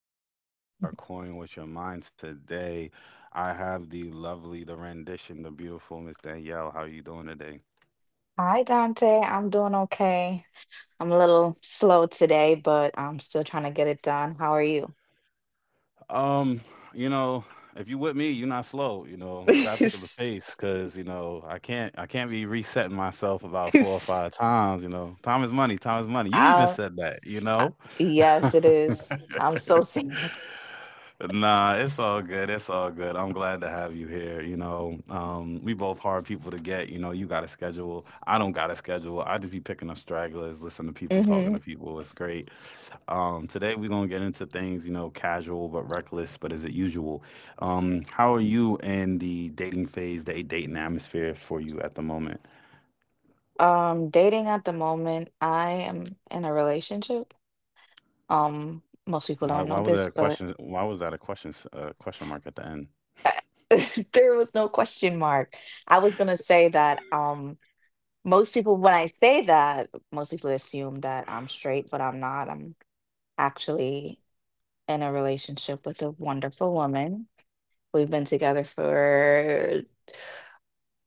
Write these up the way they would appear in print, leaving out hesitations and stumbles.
to side. We are coin with your mind today. I have the lovely, the rendition, the beautiful Miss Danielle. How you doing today? Hi, Dante. I'm doing okay. I'm a little slow today, but I'm still trying to get it done. How are you? Um, you know, if you with me, you're not slow. You know, you gotta pick up the pace because you know I can't be resetting myself about four or five times. You know, time is money. Time is money. You even Uh, said that. yes, it is. I'm so sad. Nah, it's all good. It's all good. I'm glad to have you here. We both hard people to get. You know, you got a schedule. I don't got a schedule. I just be picking up stragglers, listen to people, talking Hmm. to people. It's great. Today we're gonna get into things, you know, casual but reckless, but is it usual? How are you in the dating phase, the dating atmosphere for you at the moment? Dating at the moment, I am in a relationship. Most people Why, don't why know was this, that a but question? Why was that a question, question mark at the end? there was no question mark. I was gonna say that. Most people, when I say that, most people assume that I'm straight, but I'm not. I'm actually in a relationship with a wonderful woman. We've been together for,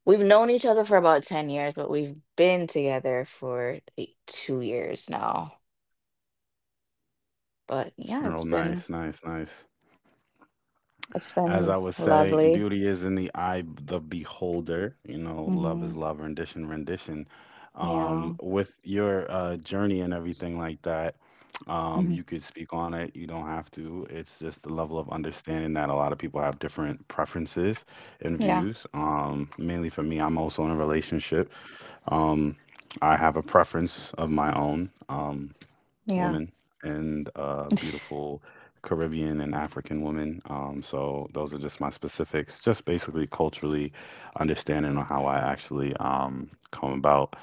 we've known each other for about 10 years, but we've been together for eight, 2 years now. But yeah, Oh, it's been, nice, nice, nice. it's As I been would say, lovely. beauty is in the eye of the beholder. You know, love Hmm. is love, rendition, rendition. Yeah. With your journey and everything like that, Hmm. you could speak on it. You don't have to. It's just the level of understanding that a lot of people have different preferences and Yeah. views. Mainly for me, I'm also in a relationship. Um, I have a preference of my own. Yeah. Women and beautiful Caribbean and African women. So those are just my specifics, just basically culturally understanding on how I actually come about.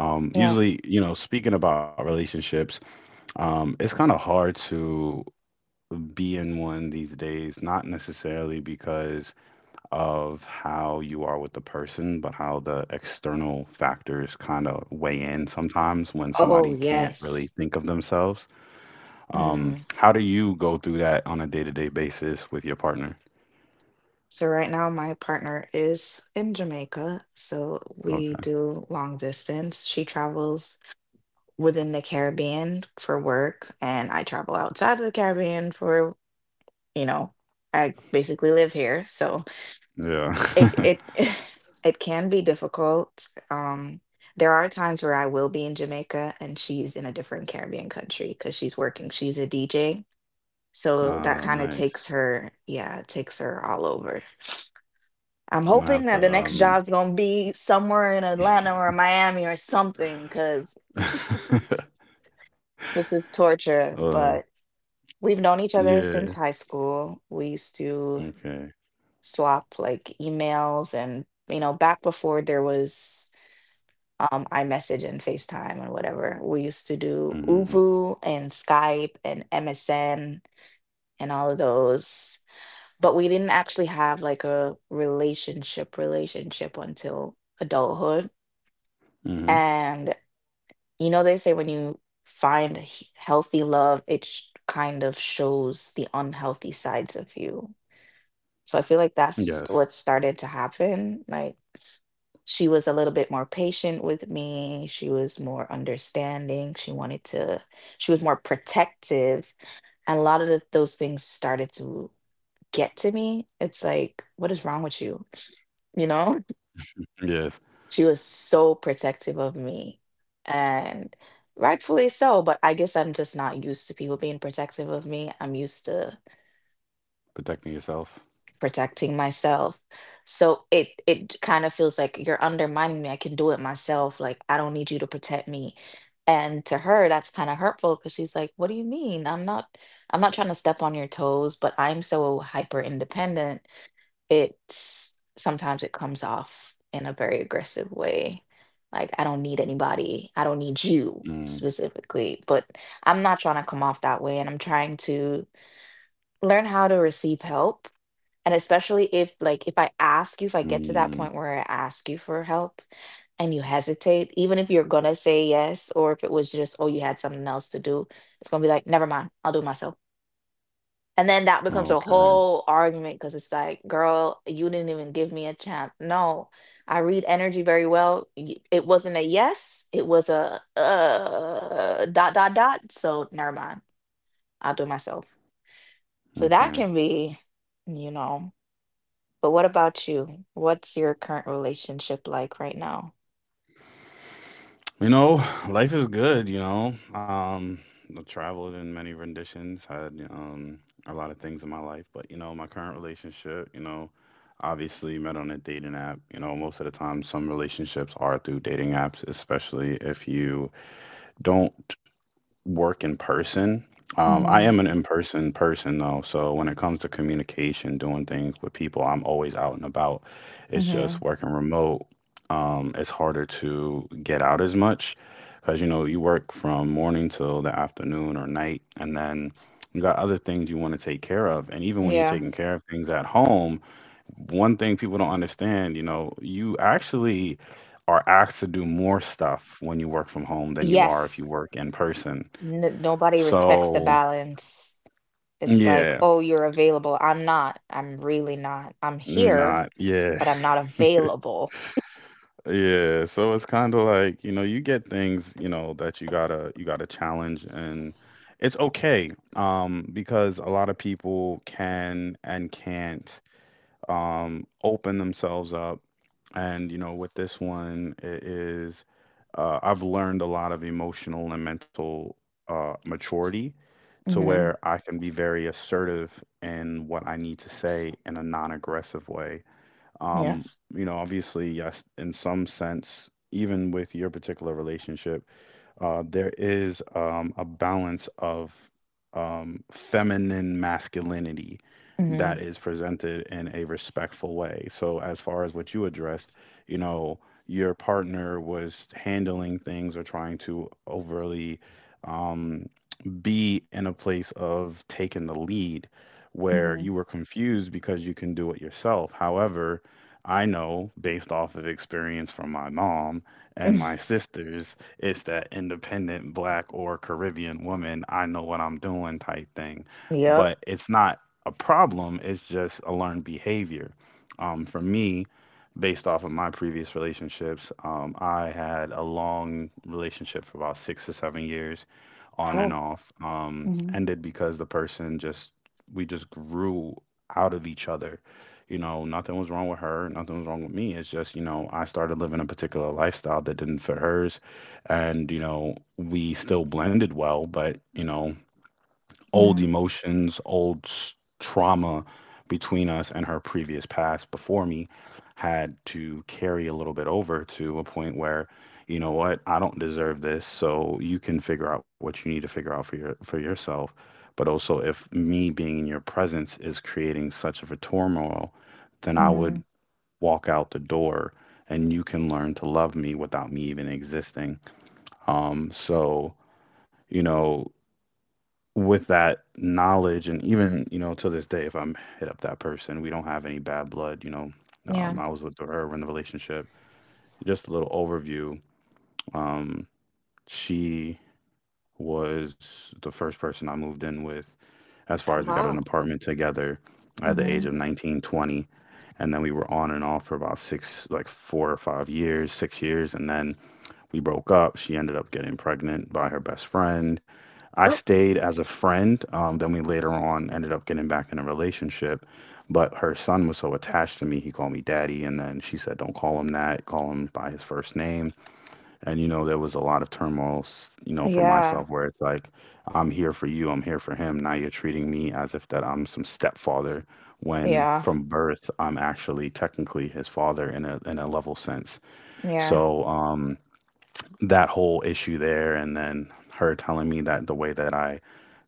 Yeah. Usually, you know, speaking about relationships, it's kind of hard to be in one these days, not necessarily because of how you are with the person, but how the external factors kind of weigh in sometimes when Oh, somebody can't really yes. think of themselves. How do you go through that on a day-to-day basis with your partner? So right now my partner is in Jamaica, so we Okay. do long distance. She travels within the Caribbean for work, and I travel outside of the Caribbean for, you know, I basically live here. So Yeah. it it it can be difficult. There are times where I will be in Jamaica and she's in a different Caribbean country because she's working. She's a DJ. So that kind of nice. takes her, yeah, takes her all over. I'm I'm gonna have hoping to that the next job's gonna be somewhere in Atlanta or Miami or something, because this is torture. uh But we've known each other since yeah. high school. We used to Okay. swap like emails and, you know, back before there was iMessage and FaceTime and whatever. We used to do Mm-hmm. Uvu and Skype and MSN and all of those. But we didn't actually have like a relationship relationship until adulthood. Mm-hmm. And you know, they say when you find healthy love, it kind of shows the unhealthy sides of you. So I feel like that's Yes. what started to happen. Like she was a little bit more patient with me. She was more understanding. She was more protective. And a lot of those things started to get to me. It's like, what is wrong with you? You know? Yes. She was so protective of me, and rightfully so, but I guess I'm just not used to people being protective of me. I'm used to Protecting yourself. protecting myself. So it kind of feels like you're undermining me. I can do it myself. Like I don't need you to protect me. And to her, that's kind of hurtful because she's like, "What do you mean? I'm not trying to step on your toes, but I'm so hyper independent it's sometimes it comes off in a very aggressive way. Like, I don't need anybody, I don't need you Mm. specifically, but I'm not trying to come off that way. And I'm trying to learn how to receive help. And especially if, like, if I ask you, if I get to that Mm. point where I ask you for help and you hesitate, even if you're gonna say yes, or if it was just, oh, you had something else to do, it's gonna be like, never mind, I'll do it myself, and then that becomes a Okay. whole argument because it's like, girl, you didn't even give me a chance. No, I read energy very well. It wasn't a yes, it was a dot, dot, dot. So never mind. I'll do it myself. So that Okay. can be, you know, but what about you? What's your current relationship like right now? You know, life is good, you know. I traveled in many renditions, had a lot of things in my life, but you know, my current relationship, you know, obviously met on a dating app. You know, most of the time some relationships are through dating apps, especially if you don't work in person. I am Mm-hmm. an in-person person though, so when it comes to communication, doing things with people, I'm always out and about. It's Mm-hmm. just working remote. It's harder to get out as much because you know you work from morning till the afternoon or night, and then you got other things you want to take care of. And even when you're Yeah. taking care of things at home, one thing people don't understand, you know, you actually are asked to do more stuff when you work from home than you are if you Yes. work in person. N Nobody respects the So balance. It's like, yeah, oh, you're available. I'm not. I'm really not. I'm you're here, not. Yeah, but I'm not available. yeah. So it's kind of like you know you get things you know that you gotta challenge and it's okay because a lot of people can and can't open themselves up and you know with this one it is I've learned a lot of emotional and mental maturity to Hmm. where I can be very assertive in what I need to say in a non-aggressive way. Yeah. Um, you know, obviously, yes, in some sense, even with your particular relationship, there is a balance of feminine masculinity Hmm. that is presented in a respectful way. So, as far as what you addressed, you know, your partner was handling things or trying to overly. Um, be in a place of taking the lead where Hmm. you were confused because you can do it yourself. However, I know based off of experience from my mom and my sisters, it's that independent black or Caribbean woman, I know what I'm doing type thing. Yep. But it's not a problem, it's just a learned behavior. For me, based off of my previous relationships, I had a long relationship for about 6 to 7 years on and Oh. off, Hmm. ended because the person just we just grew out of each other. You know, nothing was wrong with her, nothing was wrong with me, it's just, you know, I started living a particular lifestyle that didn't fit hers. And you know we still blended well, but you know, old Hmm. emotions, trauma between us and her previous past before me had to carry a little bit over to a point where, you know what, I don't deserve this, so you can figure out what you need to figure out for yourself. But also, if me being in your presence is creating such of a turmoil, then I Hmm. would walk out the door and you can learn to love me without me even existing. Um, so, you know, with that knowledge, and even you know to this day if I'm hit up that person we don't have any bad blood, you know. Yeah. I was with her in the relationship, just a little overview. Um, she was the first person I moved in with, as far Oh, as we got an wow. apartment together at the age Hmm. of 19, 20, and then we were on and off for about six like 4 or 5 years, 6 years, and then we broke up, she ended up getting pregnant by her best friend. I stayed as a friend. Then we later on ended up getting back in a relationship. But her son was so attached to me, he called me daddy. And then she said, don't call him that, call him by his first name. And, you know, there was a lot of turmoil, you know, for Yeah, myself where it's like, I'm here for you, I'm here for him. Now you're treating me as if that I'm some stepfather when yeah, from birth I'm actually technically his father in in a level sense. yeah. So that whole issue there, and then her telling me that the way that I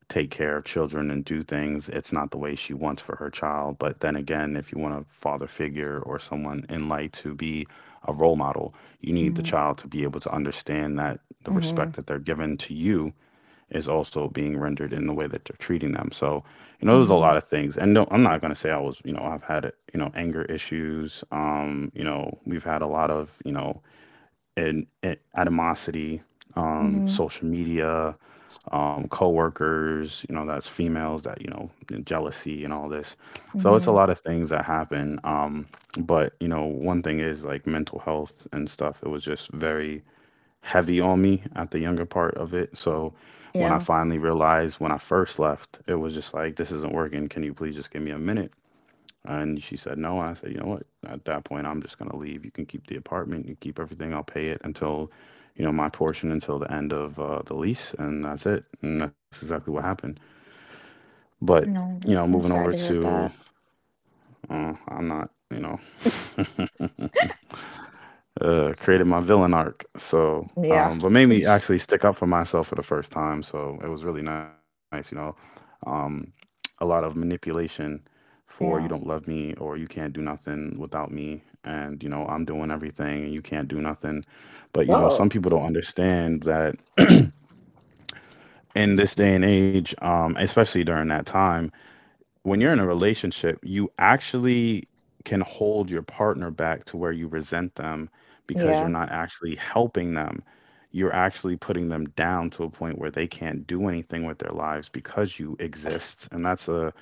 take care of children and do things. It's not the way she wants for her child. But then again, if you want a father figure or someone in light to be a role model, you need the Hmm. child to be able to understand that the Hmm. respect that they're given to you is also being rendered in the way that they're treating them. So, you know, there's a Hmm. lot of things. And no, I'm not going to say I was, you know, I've had, you know, anger issues. You know, we've had a lot of, you know, and, animosity, Hmm. social media, coworkers, you know, that's females that, you know, and jealousy and all this. So it's a Hmm. lot of things that happen. But, you know, one thing is like mental health and stuff. It was just very heavy on me at the younger part of it. So when I Yeah. finally realized when I first left, it was just like, this isn't working. Can you please just give me a minute? And she said no. And I said, you know what? At that point, I'm just gonna leave. You can keep the apartment, you keep everything. I'll pay it until, you know, my portion until the end of the lease, and that's it. And that's exactly what happened. But you know, No, moving I'm over sorry to hear to, that. I'm not, you know, created my villain arc. So, Yeah, um, what made me actually stick up for myself for the first time. So it was really nice, you know. Um, a lot of manipulation for you don't yeah. love me or you can't do nothing without me, and you know I'm doing everything and you can't do nothing. But you know some Oh. people don't understand that in this day and age, especially during that time, when you're in a relationship, you actually can hold your partner back to where you resent them because you're Yeah. not actually helping them. You're actually putting them down to a point where they can't do anything with their lives because you exist. And that's a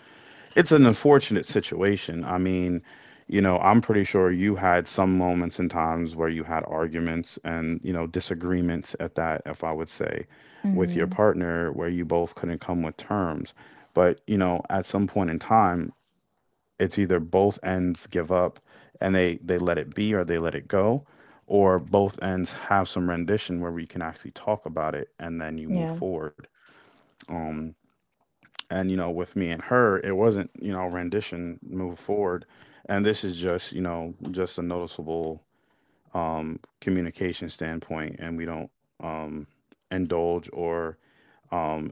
it's an unfortunate situation. I mean, you know, I'm pretty sure you had some moments and times where you had arguments and, you know, disagreements at that, if I would say, with your Hmm. partner where you both couldn't come with terms. But, you know, at some point in time, it's either both ends give up and they let it be or they let it go, or both ends have some rendition where we can actually talk about it and then you move Yeah. forward. Um, and you know with me and her it wasn't rendition move forward, and this is just just a noticeable communication standpoint, and we don't indulge or um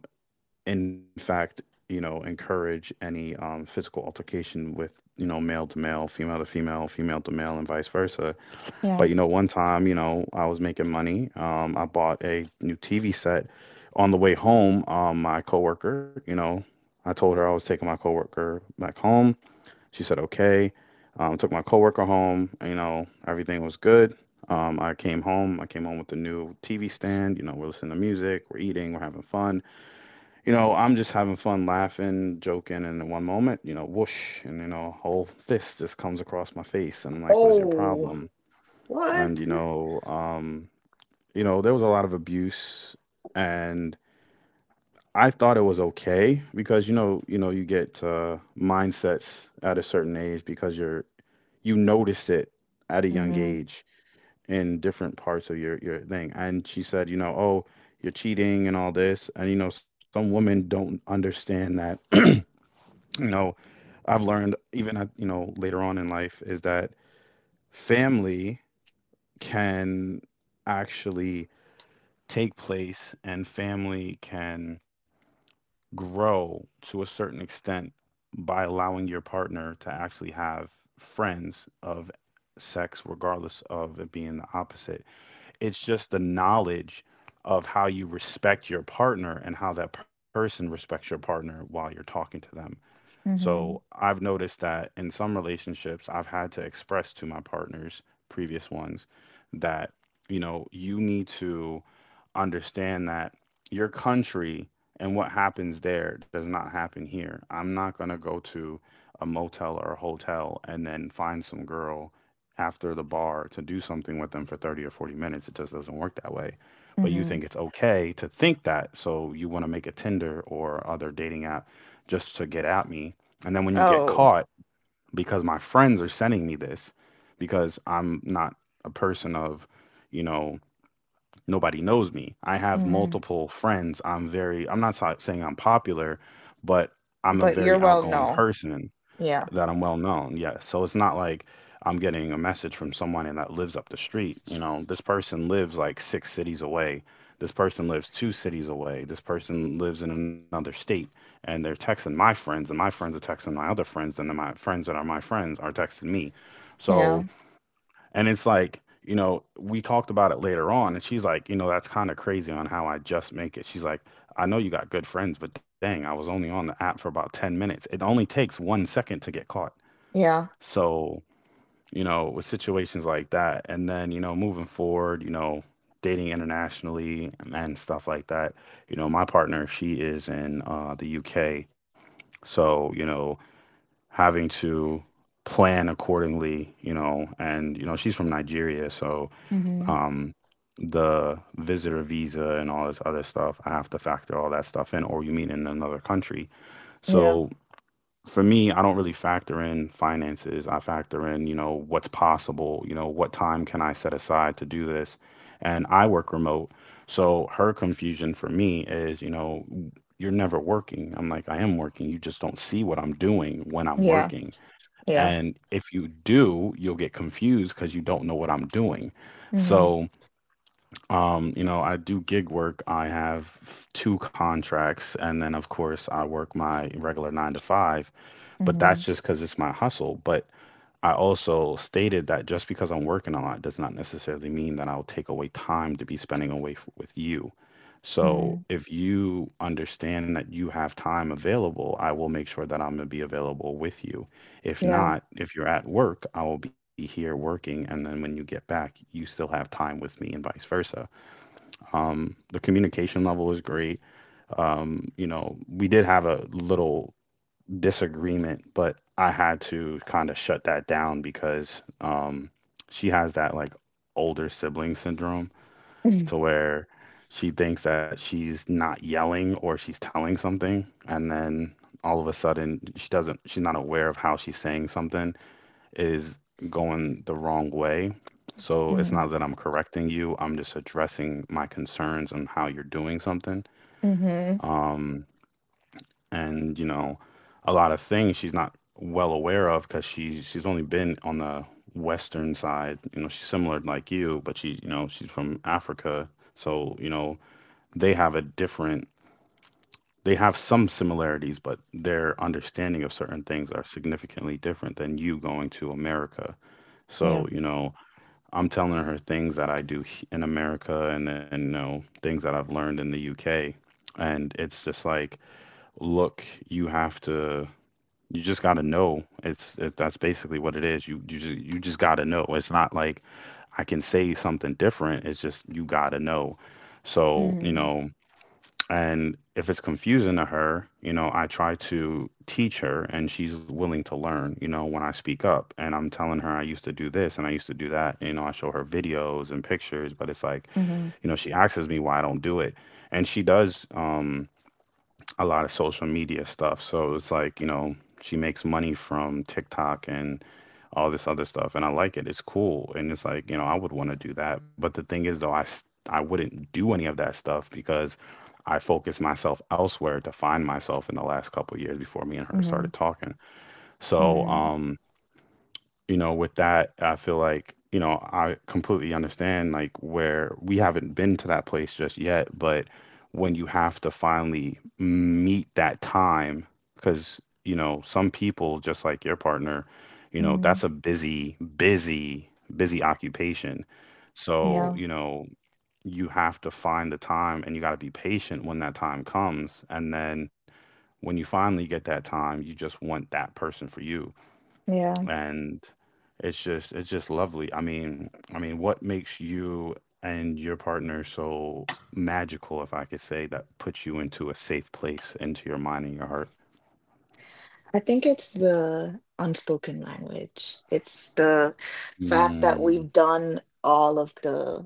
in fact encourage any physical altercation with you know male to male, female to female, female to male, and vice versa. But Yeah. you know, one time, you know, I was making money. I bought a new TV set. On the way home, my coworker, I told her I was taking my coworker back home. She said okay. Took my coworker home. You know, everything was good. I came home. I came home with the new TV stand. You know, we're listening to music, we're eating, we're having fun. You know, I'm just having fun, laughing, joking, and in one moment, you know, whoosh, and you know, a whole fist just comes across my face, and I'm like, "What is your Oh. problem?" And What? You know, there was a lot of abuse, and I thought it was okay because you get mindsets at a certain age because you notice it at a young age in different parts of your thing. And she said, you know, oh, you're cheating and all this, and you know, some women don't understand that. Know, I've learned even at you know later on in life is that family can actually take place, and family can grow to a certain extent by allowing your partner to actually have friends of sex, regardless of it being the opposite. It's just the knowledge of how you respect your partner and how that person respects your partner while you're talking to them. So Mm-hmm. I've noticed that in some relationships, I've had to express to my partners, previous ones, that, you know, you need to understand that your country and what happens there does not happen here. I'm not going to go to a motel or a hotel and then find some girl after the bar to do something with them for 30 or 40 minutes. It just doesn't work that way. But you Mhm. think it's okay to think that, so you want to make a Tinder or other dating app just to get at me. And then when you get Oh. caught, because my friends are sending me this, because I'm not a person of, you know, nobody knows me. I have Mhm. multiple friends. I'm very, I'm not saying I'm popular, but I'm a But you're very well outgoing known. person Yeah. that I'm well known. Yes. So it's not like I'm getting a message from someone and that lives up the street. You know, this person lives like six cities away. This person lives two cities away. This person lives in another state, and they're texting my friends, and my friends are texting my other friends, and then my friends that are my friends are texting me. Yeah. So and it's like, you know, we talked about it later on, and she's like, you know, that's kind of crazy on how I just make it. She's like, I know you got good friends, but dang, I was only on the app for about 10 minutes. It only takes 1 second to get caught. Yeah. So, you know, with situations like that, and then, you know, moving forward, you know, dating internationally and stuff like that, you know, my partner, she is in the UK. So, you know, having to plan accordingly, you know, and, you know, she's from Nigeria. So, Mhm. um, the visitor visa and all this other stuff. I have to factor all that stuff in, or you mean in another country. Yeah. So for me, I don't really factor in finances. I factor in, you know, what's possible, you know, what time can I set aside to do this? And I work remote. So her confusion for me is, you know, you're never working. I'm like, I am working. You just don't see what I'm doing when I'm Yeah. working. Yeah. And if you do, you'll get confused because you don't know what I'm doing. Mhm. So you know, I do gig work. I have two contracts, and then of course I work my regular 9 to 5, but that's Mhm. just because it's my hustle. But I also stated that just because I'm working a lot does not necessarily mean that I'll take away time to be spending away with you. Mhm. So if you understand that you have time available, I will make sure that I'm gonna be available with you. If Yeah. not, if you're at work, I will be here working, and then when you get back, you still have time with me and vice versa. The communication level was great. You know, we did have a little disagreement, but I had to kind of shut that down because she has that like older sibling syndrome Mhm. to where she thinks that she's not yelling or she's telling something, and then all of a sudden she's not aware of how she's saying something is going the wrong way. So it's Mhm. not that I'm correcting you, I'm just addressing my concerns on how you're doing something. Mm-hmm. Um, and you know, a lot of things she's not well aware of because she's only been on the western side. You know, she's similar like you, but she you know she's from Africa, so you know they have a different. They have some similarities, but their understanding of certain things are significantly different than you going to America. Yeah. So, you know, I'm telling her things that I in America, and then, you know, things that I've learned in the UK. And it's just like, look, you have to, you just got to know. That's basically what it is. You just got to know. It's not like I can say something different. It's just, you got to know. So, you Mhm. know, and if it's confusing to her, you know, I try to teach her, and she's willing to learn, you know, when I speak up and I'm telling her I used to do this and I used to do that. You know, I show her videos and pictures, but it's like, Mhm. you know, she asks me why I don't do it. And she does a lot of social media stuff. So it's like, you know, she makes money from TikTok and all this other stuff, and I like it. It's cool, and it's like, you know, I would want to do that. But the thing is though I wouldn't do any of that stuff because I focused myself elsewhere to find myself in the last couple years before me and her Mhm. started talking. So, Mhm. You know, with that, I feel like, you know, I completely understand like where we haven't been to that place just yet, but when you have to finally meet that time, because, you know, some people, just like your partner, you know, Mhm. that's a busy occupation. So, Yeah. you know, you have to find the time, and you got to be patient when that time comes. And then when you finally get that time, you just want that person for you, Yeah. and it's just lovely. I mean, what makes you and your partner so magical, if I could say, that puts you into a safe place, into your mind and your heart? I think it's the unspoken language. It's the fact that Mm, we've done all of the,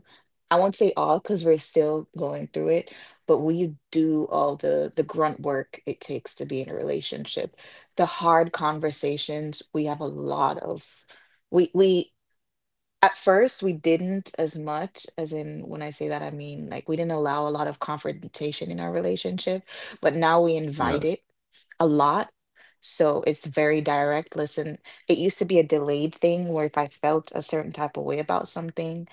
I won't say all because we're still going through it, but we do all the grunt work it takes to be in a relationship. The hard conversations, we have a lot of. We at first, we didn't as much, as in when I say that, I mean like we didn't allow a lot of confrontation in our relationship, but now we yes. invite it a lot. So it's very direct. Listen, it used to be a delayed thing where if I felt a certain type of way about something,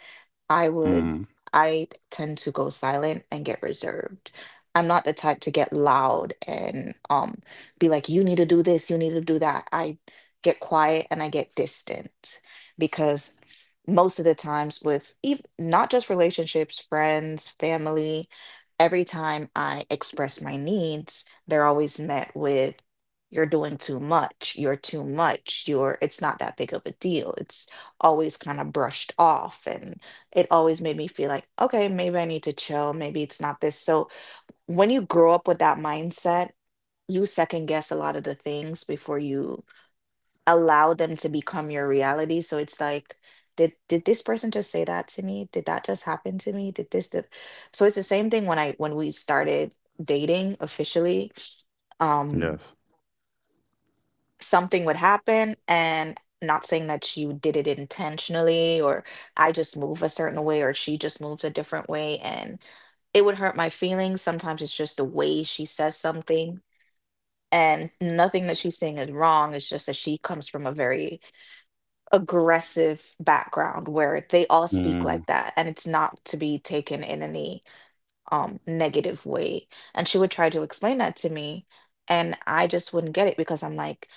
I Mm, would, I tend to go silent and get reserved. I'm not the type to get loud and be like, you need to do this, you need to do that. I get quiet and I get distant because most of the times with even not just relationships, friends, family, every time I express my needs, they're always met with you're doing too much, you're it's not that big of a deal. It's always kind of brushed off and it always made me feel like, okay, maybe I need to chill. Maybe it's not this. So when you grow up with that mindset, you second guess a lot of the things before you allow them to become your reality. So it's like, did this person just say that to me? Did that just happen to me? Did this? Did... So it's the same thing when I when we started dating officially. yes. Um, something would happen and not saying that you did it intentionally or I just move a certain way or she just moves a different way and it would hurt my feelings. Sometimes it's just the way she says something and nothing that she's saying is wrong. It's just that she comes from a very aggressive background where they all speak Mm. like that and it's not to be taken in any negative way. And she would try to explain that to me and I just wouldn't get it because I'm like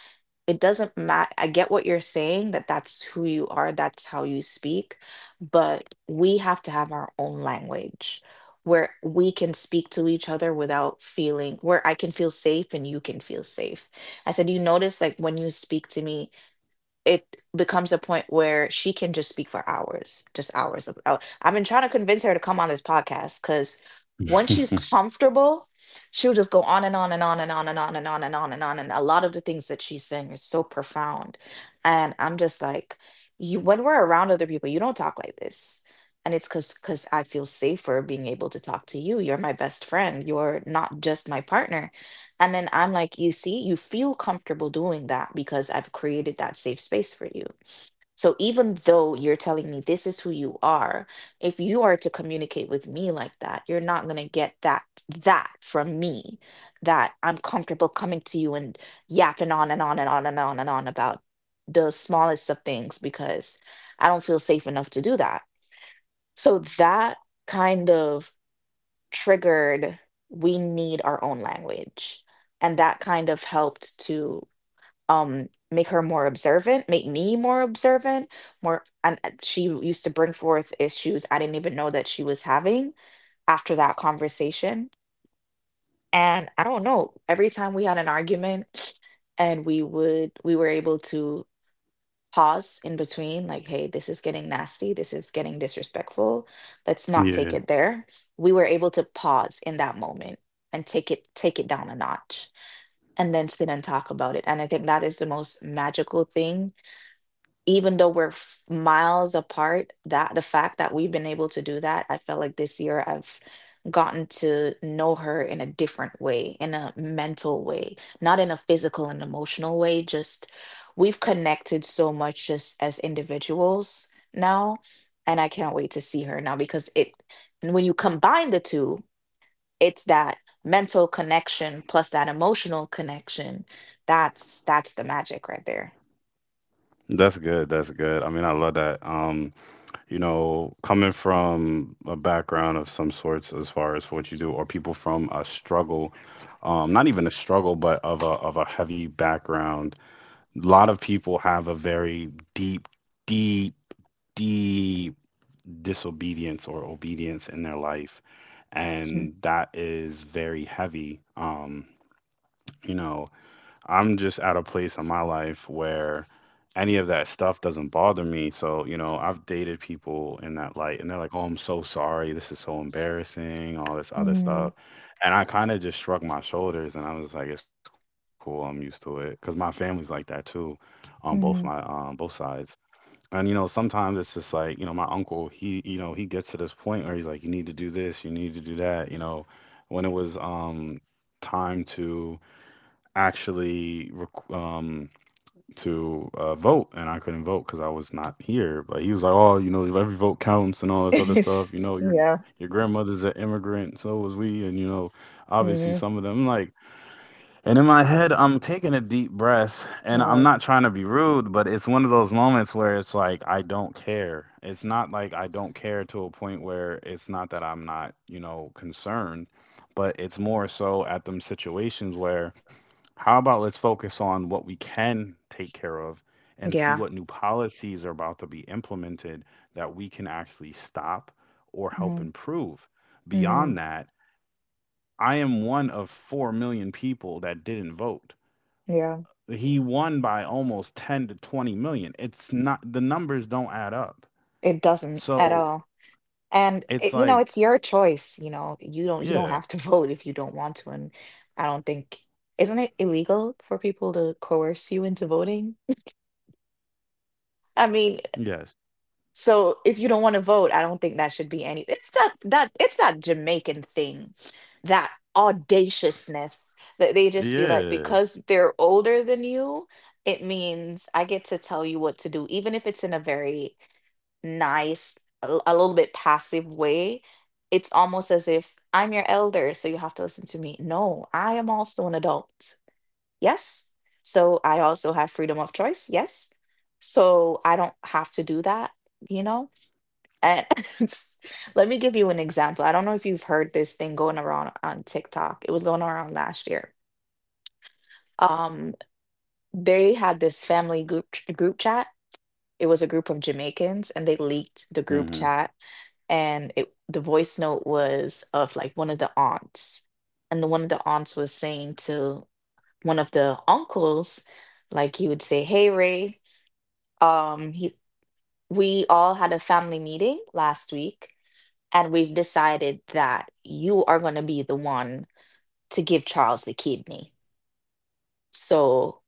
it doesn't matter. I get what you're saying that that's who you are, that's how you speak, but we have to have our own language where we can speak to each other without feeling where I can feel safe and you can feel safe. I said, you notice like when you speak to me, it becomes a point where she can just speak for hours, just hours of. I've been trying to convince her to come on this podcast because once she's comfortable, she'll just go on and on and on and on and on and on and on and on. And a lot of the things that she's saying are so profound, and I'm just like, you. When we're around other people, you don't talk like this. And it's because I feel safer being able to talk to you. You're my best friend. You're not just my partner, and then I'm like, you see, you feel comfortable doing that because I've created that safe space for you. So even though you're telling me this is who you are, if you are to communicate with me like that, you're not going to get that from me, that I'm comfortable coming to you and yapping on and on and on and on and on about the smallest of things because I don't feel safe enough to do that. So that kind of triggered, we need our own language, and that kind of helped to make her more observant, make me more observant more, and she used to bring forth issues I didn't even know that she was having after that conversation. And I don't know, every time we had an argument and we would, we were able to pause in between like, hey, this is getting nasty, this is getting disrespectful, let's not Yeah, take it there. We were able to pause in that moment and take it down a notch and then sit and talk about it. And I think that is the most magical thing. Even though we're miles apart, that the fact that we've been able to do that, I felt like this year I've gotten to know her in a different way, in a mental way, not in a physical and emotional way. Just we've connected so much just as individuals now. And I can't wait to see her now, because it, when you combine the two, it's that mental connection plus that emotional connection. That's the magic right there. that's good. That's good. I mean, I love that. You know, coming from a background of some sorts as far as what you do, or people from a struggle, not even a struggle, but of a heavy background. A lot of people have a very deep, deep disobedience or obedience in their life, and that is very heavy. You know, I'm just at a place in my life where any of that stuff doesn't bother me. So, you know, I've dated people in that light, and they're like, oh, I'm so sorry. This is so embarrassing, all this other Mhm. stuff. And I kind of just shrugged my shoulders, and I was like, it's cool. I'm used to it. Because my family's like that too on both my, Mhm. both sides. And, you know, sometimes it's just like, you know, my uncle, he, you know, he gets to this point where he's like, you need to do this, you need to do that. You know, when it was, time to, actually rec- um vote, and I couldn't vote because I was not here. But he was like, "Oh, you know, every vote counts and all this other stuff. You know, your Yeah. your grandmother's an immigrant, so was we, and you know, obviously Hmm. some of them." And in my head, I'm taking a deep breath, and I'm Right. not trying to be rude, but it's one of those moments where it's like I don't care. It's not like I don't care to a point where it's not that I'm not, concerned, but it's more so at them situations where how about let's focus on what we can take care of and see Yeah. what new policies are about to be implemented that we can actually stop or help Hmm. improve? Hmm. Beyond that, I am one of 4 million people that didn't vote. Yeah. He won by almost 10 to 20 million. It's not, the numbers don't add up. It doesn't at So all. And it's it, you know, like, it's your choice. You know, you don't yeah. have to vote if you don't want to. And I don't think, isn't it illegal for people to coerce you into voting? I mean, Yes. so if you don't want to vote, I don't think that should be any. It's that that it's that Jamaican thing, that audaciousness that they just feel like Yeah. because they're older than you, it means I get to tell you what to do, even if it's in a very nice, a little bit passive way. It's almost as if I'm your elder, so you have to listen to me. No, I am also an adult. Yes. So I also have freedom of choice. Yes. So I don't have to do that, you know? And let me give you an example. I don't know if you've heard this thing going around on TikTok. It was going around last year. Um, they had this family group chat. It was a group of Jamaicans, and they leaked the group Hmm. chat. And it, the voice note was of like one of the aunts, and the one of the aunts was saying to one of the uncles, like he would say, "Hey Ray, um, he, we all had a family meeting last week, and we've decided that you are going to be the one to give Charles the kidney. So,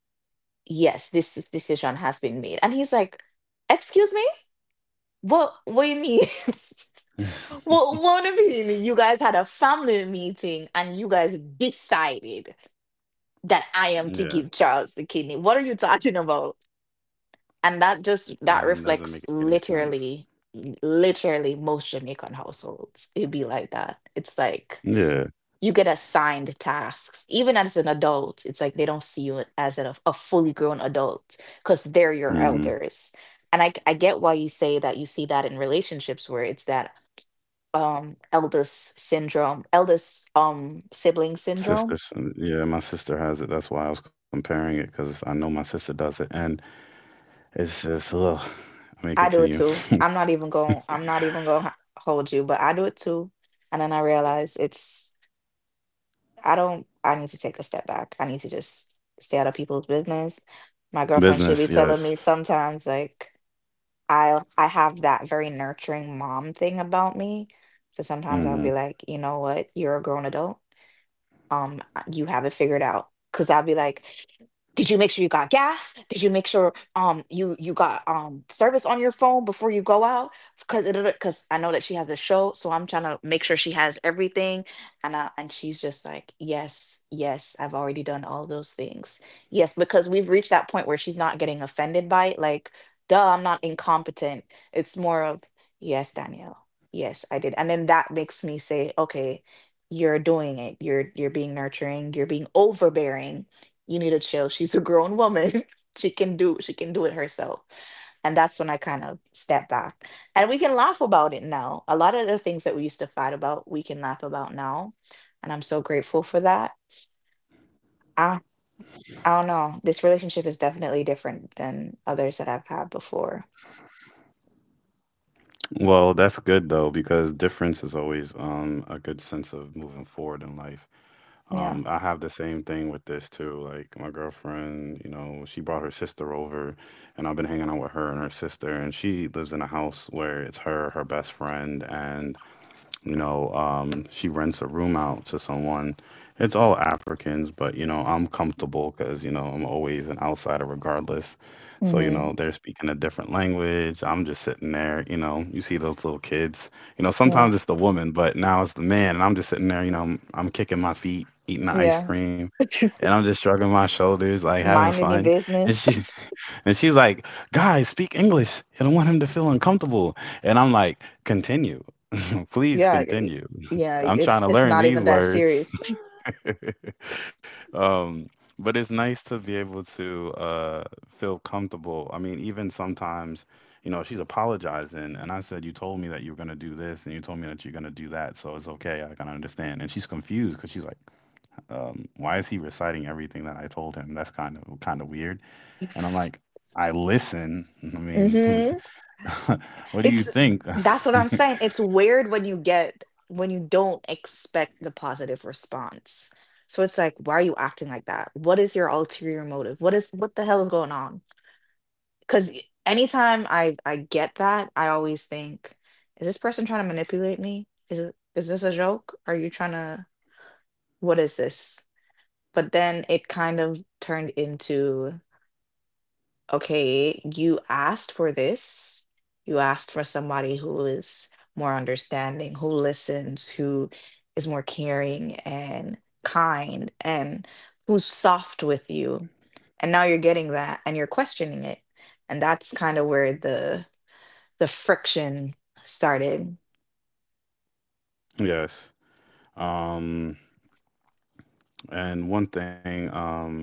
yes, decision has been made." And he's like, "Excuse me? What do you mean? What do you mean? You guys had a family meeting and you guys decided that I am to give Yes, Charles the kidney. What are you talking about?" And that and doesn't make reflects any sense. Literally most Jamaican households. It'd be like that. It's like Yeah. you get assigned tasks even as an adult. It's like they don't see you as a fully grown adult because they're your Mm-hmm. elders. And I get why you say that, you see that in relationships where it's that eldest syndrome, eldest sibling syndrome. Sisters, yeah, my sister has it. That's why I was comparing it because I know my sister does it, and it's just, ugh. I mean, I do it continue. too. I'm not even going to hold you, but I do it too. And then I realize it's I don't I need to take a step back, I need to just stay out of people's business. My Business, girlfriend should be yes. telling me sometimes, like, I have that very nurturing mom thing about me. So sometimes I'll Hmm. be like, you know what, you're a grown adult. You have it figured out. Cause I'll be like, did you make sure you got gas, did you make sure you got service on your phone before you go out, because I know that she has a show, so I'm trying to make sure she has everything. And she's just like, yes, yes, I've already done all of those things. Yes, because we've reached that point where she's not getting offended by it, like, duh, I'm not incompetent. It's more of, yes, Danielle, yes, I did. And then that makes me say, okay, you're doing it, you're being nurturing, you're being overbearing, you need to chill. She's a grown woman. She can do it herself. And that's when I kind of step back. And we can laugh about it now. A lot of the things that we used to fight about, we can laugh about now. And I'm so grateful for that. I I don't know. This relationship is definitely different than others that I've had before. Well, that's good though, because difference is always a good sense of moving forward in life. Yeah. I have the same thing with this too. Like my girlfriend, you know, she brought her sister over, and I've been hanging out with her and her sister, and she lives in a house where it's her best friend, and, you know, she rents a room out to someone. It's all Africans, but you know, I'm comfortable because you know I'm always an outsider regardless. So you Mm-hmm. know, they're speaking a different language. I'm just sitting there. You know, you see those little kids. You know, Yeah. sometimes it's the woman, but now it's the man, and I'm just sitting there. You know, I'm kicking my feet, eating the ice Yeah. cream, and I'm just shrugging my shoulders, like having Minding your fun. And business. she, and she's like, "Guys, speak English. I don't want him to feel uncomfortable." And I'm like, "Continue. Please Yeah. continue. Yeah. I'm trying to It's learn not even these that words." serious. Um, but it's nice to be able to feel comfortable. I mean, even sometimes, you know, she's apologizing, and I said, "You told me that you were gonna do this, and you told me that you're gonna do that, so it's okay. I can understand." And she's confused because she's like, "Why is he reciting everything that I told him? That's kind of weird." And I'm like, "I listen. I mean, Hmm. what do you It's think?" That's what I'm saying. It's weird when you get when you don't expect the positive response. So it's like, why are you acting like that? What is your ulterior motive? What is what the hell is going on? Because anytime I get that, I always think, is this person trying to manipulate me? Is this a joke? Are you trying to what is this? But then it kind of turned into, okay, you asked for this. You asked for somebody who is more understanding, who listens, who is more caring and kind, and who's soft with you. And now you're getting that and you're questioning it. And that's kind of where the friction started. Yes. Um, and one thing,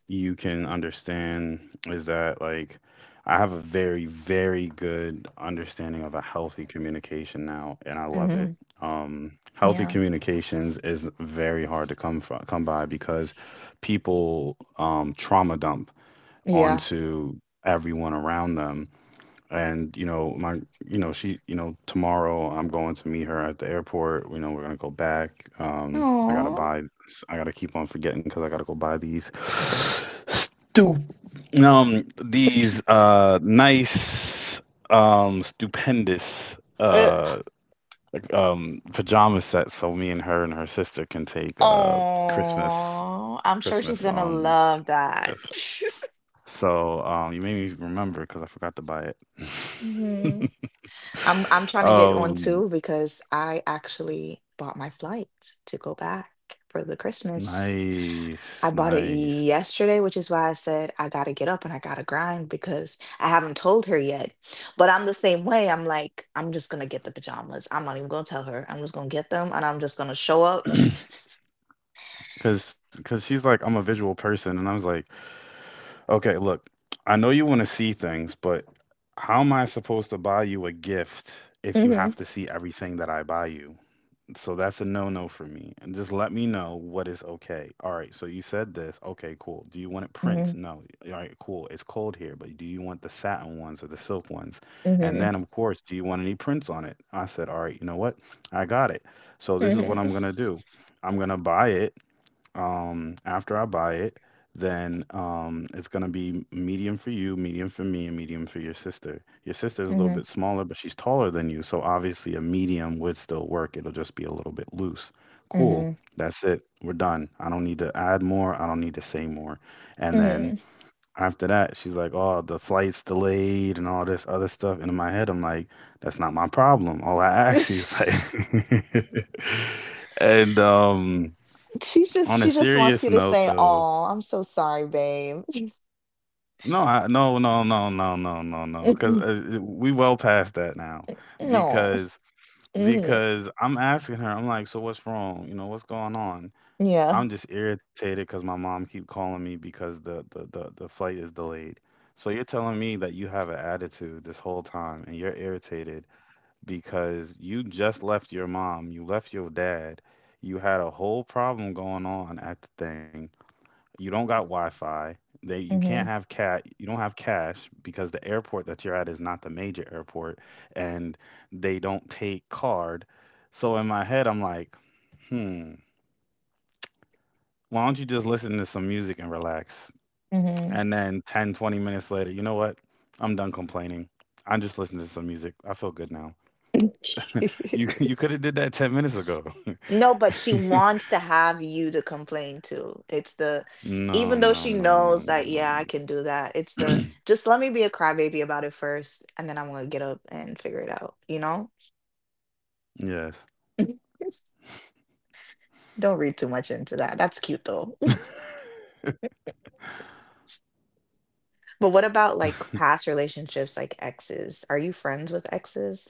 you can understand is that, like, I have a very, very good understanding of a healthy communication now, and I love it. Hmm. Healthy Yeah. communications is very hard to come by, because people, trauma dump Yeah. onto everyone around them. And, you know, my you know, she, you know, tomorrow I'm going to meet her at the airport. You know, we're gonna go back. um i gotta Oh. buy I gotta keep on forgetting, because I gotta go buy these stu these, nice, stupendous, like, pajama sets, so me and her sister can take, christmas Oh, I'm christmas sure she's gonna love yes. that. So, you made me remember, because I forgot to buy it. Hmm. I'm trying to get on Um, too because I actually bought my flight to go back for the Christmas. Nice, I bought it nice. yesterday, which is why I said I gotta get up and I gotta grind because I haven't told her yet. But I'm the same way. I'm like, I'm just gonna get the pajamas. I'm not even gonna tell her. I'm just gonna get them and I'm just gonna show up. Cause she's like, "I'm a visual person," and I was like, "Okay, look, I know you want to see things, but how am I supposed to buy you a gift if you Hmm. have to see everything that I buy you?" So that's a no-no for me. And just let me know what is okay. All right, so you said this. Okay, cool. Do you want it Hmm. prints? No. All right, cool. It's cold here, but do you want the satin ones or the silk ones? And Hmm. then, of course, do you want any prints on it? I said, all right, you know what? I got it. So this is what I'm Hmm. gonna do. I'm gonna buy it. After I buy it, then it's gonna be medium for you, medium for me, and medium for your sister. Your sister's a little Hmm. bit smaller, but she's taller than you, so obviously a medium would still work. It'll just be a little bit loose. Cool. Hmm. That's it. We're done. I don't need to add more. I don't need to say more. And then Hmm. after that, she's like, "Oh, the flight's delayed and all this other stuff." And in my head, I'm like, "That's not my problem." All I asked you is like, and, on a She just wants serious you to note, say, though, "Oh, I'm so sorry, babe." no, no, no, no, no, no, no, no, because we well past that now, No. because Mhm. because I'm asking her, I'm like, so what's wrong? You know, what's going on? Yeah. I'm just irritated because my mom keep calling me because the flight is delayed. So you're telling me that you have an attitude this whole time, and you're irritated because you just left your mom, you left your dad, you had a whole problem going on at the thing. You don't got Wi-Fi. They you can't Mhm. have cat. You don't have cash, because the airport that you're at is not the major airport, and they don't take card. So in my head, I'm like, hmm. Why don't you just listen to some music and relax? Mhm. And then 10, 20 minutes later, you know what? I'm done complaining. I just listened to some music. I feel good now. You you could have did that 10 minutes ago. No, but she wants to have you to complain to. It's the No, even though no, she no, no, knows no, that, no. yeah, I No. can do that. It's the just let me be a crybaby about it first, and then I'm gonna get up and figure it out, you know? Yes. Don't read too much into that. That's cute though. But what about like past relationships, like exes? Are you friends with exes?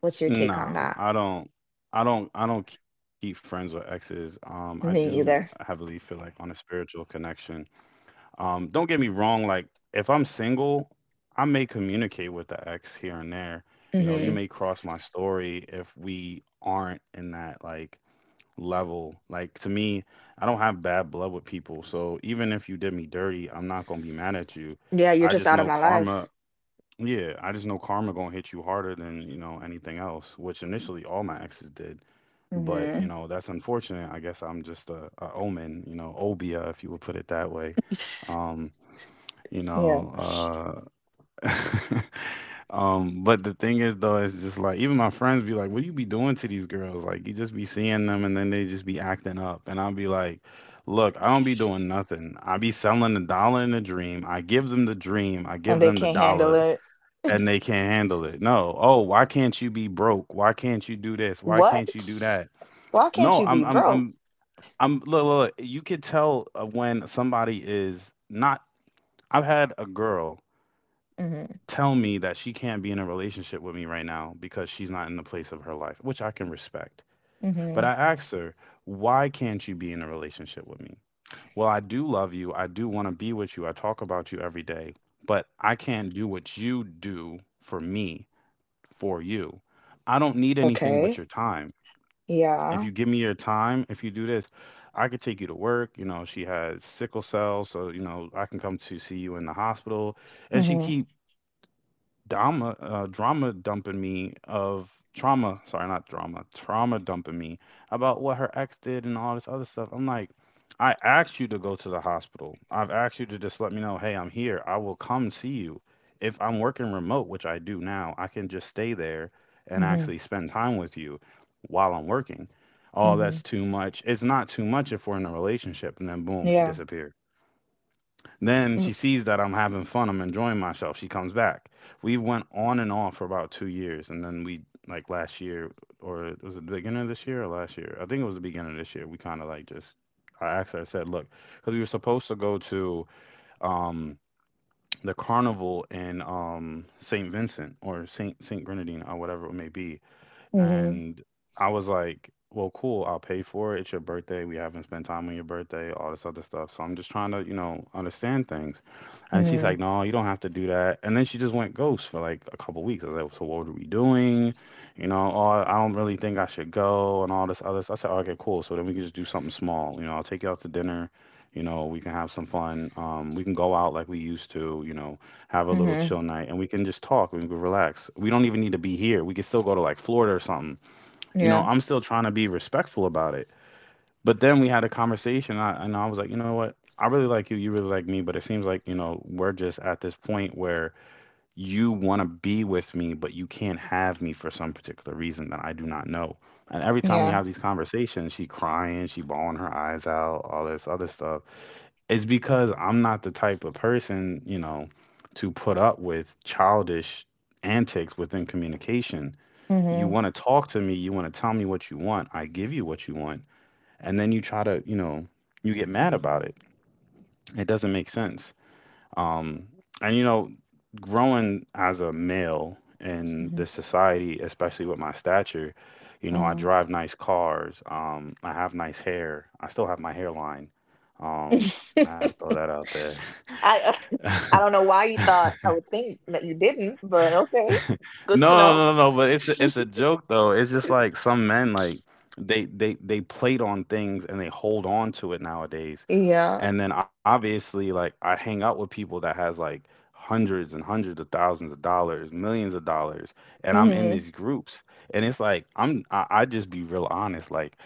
What's your take on Nah, that? I don't. I don't. I don't keep friends with exes. I do Me either. heavily feel like on a spiritual connection. Don't get me wrong. Like if I'm single, I may communicate with the ex here and there. You know, you Hmm. may cross my story if we aren't in that, like, level. Like, to me, I don't have bad blood with people. So even if you did me dirty, I'm not gonna be mad at you. Yeah, you're I just just out of know my life. karma. Yeah, I just know karma gonna hit you harder than, you know, anything else, which initially all my exes did. But, Hmm. you know, that's unfortunate. I guess I'm just a omen, you know, obia, if you would put it that way. Um, you Yeah. know, uh but the thing is though, it's just like even my friends be like, "What you be doing to these girls? Like, you just be seeing them and then they just be acting up." And I'll be like, "Look, I don't be doing nothing. I be selling the dollar in the dream. I give them the dream, I And give they them the can't handle dollar, it. and they can't handle it." No. Oh, why can't you be broke? Why can't you do this? Why What? can't you do that? Why can't No. you be broke? I'm Look, look, you could tell, when somebody is not. I've had a girl Hmm. tell me that she can't be in a relationship with me right now because she's not in the place of her life, which I can respect. But Hmm. I asked her, "Why can't you be in a relationship with me?" Well, I do love you. I do want to be with you. I talk about you every day, but I can't do what you do for me for you. I don't need anything but Okay. your time. If Yeah. you give me your time, if you do this, I could take you to work. You know, she has sickle cell, so you know, I can come to see you in the hospital. And she Hmm. keep drama dumping me of trauma, sorry, not drama, trauma dumping me about what her ex did and all this other stuff. I'm like, I asked you to go to the hospital. I've asked you to just let me know, hey, I'm here. I will come see you if I'm working remote, which I do now. I can just stay there and Hmm. actually spend time with you while I'm working. Oh, Hmm. that's too much. It's not too much if we're in a relationship. And then boom, she Yeah. disappeared. Then Mm. she sees that I'm having fun, I'm enjoying myself. She comes back. We went on and off for about 2 years, and then we, like, last year, or was it the beginning of this year or last year? I think it was the beginning of this year. We kind of like just. I asked her. I said, look, because we were supposed to go to um the carnival in Saint Vincent, or Saint Grenadine, or whatever it may be, Mm-hmm. and I was like, well, cool, I'll pay for it. It's your birthday. We haven't spent time on your birthday, all this other stuff. So I'm just trying to, you know, understand things. And she's like, Hmm. no, you don't have to do that. And then she just went ghost for like a couple weeks. I was like, so what are we doing? You know, oh, I don't really think I should go and all this other stuff. I said, okay, cool. So then we can just do something small. You know, I'll take you out to dinner. You know, we can have some fun. We can go out like we used to. You know, have a little Hmm. chill night, and we can just talk and we can relax. We don't even need to be here. We can still go to like Florida or something. You know, Yeah. I'm still trying to be respectful about it. But then we had a conversation, and I was like, you know what? I really like you. You really like me. But it seems like, you know, we're just at this point where you want to be with me, but you can't have me for some particular reason that I do not know. And every time we Yeah. have these conversations, she crying, she bawling her eyes out, all this other stuff it's because I'm not the type of person, you know, to put up with childish antics within communication. You Hmm. want to talk to me, you want to tell me what you want, I give you what you want, and then you try to, you know, you get mad about it. It doesn't make sense. Um, and you know, growing as a male in Hmm. this society, especially with my stature, you know, I Hmm. drive nice cars, I have nice hair, I still have my hairline. Um, I had to throw that out there. I uh, I don't know why you thought I would think that you didn't, but okay, good No, to no, know. no, no, no. But it's a joke though. It's just like some men like they plate on things and they hold on to it nowadays. Yeah. And then obviously like I hang out with people that has like hundreds and hundreds of thousands of dollars, millions of dollars, and I'm in Mhm. these groups. And it's like I just be real honest. Like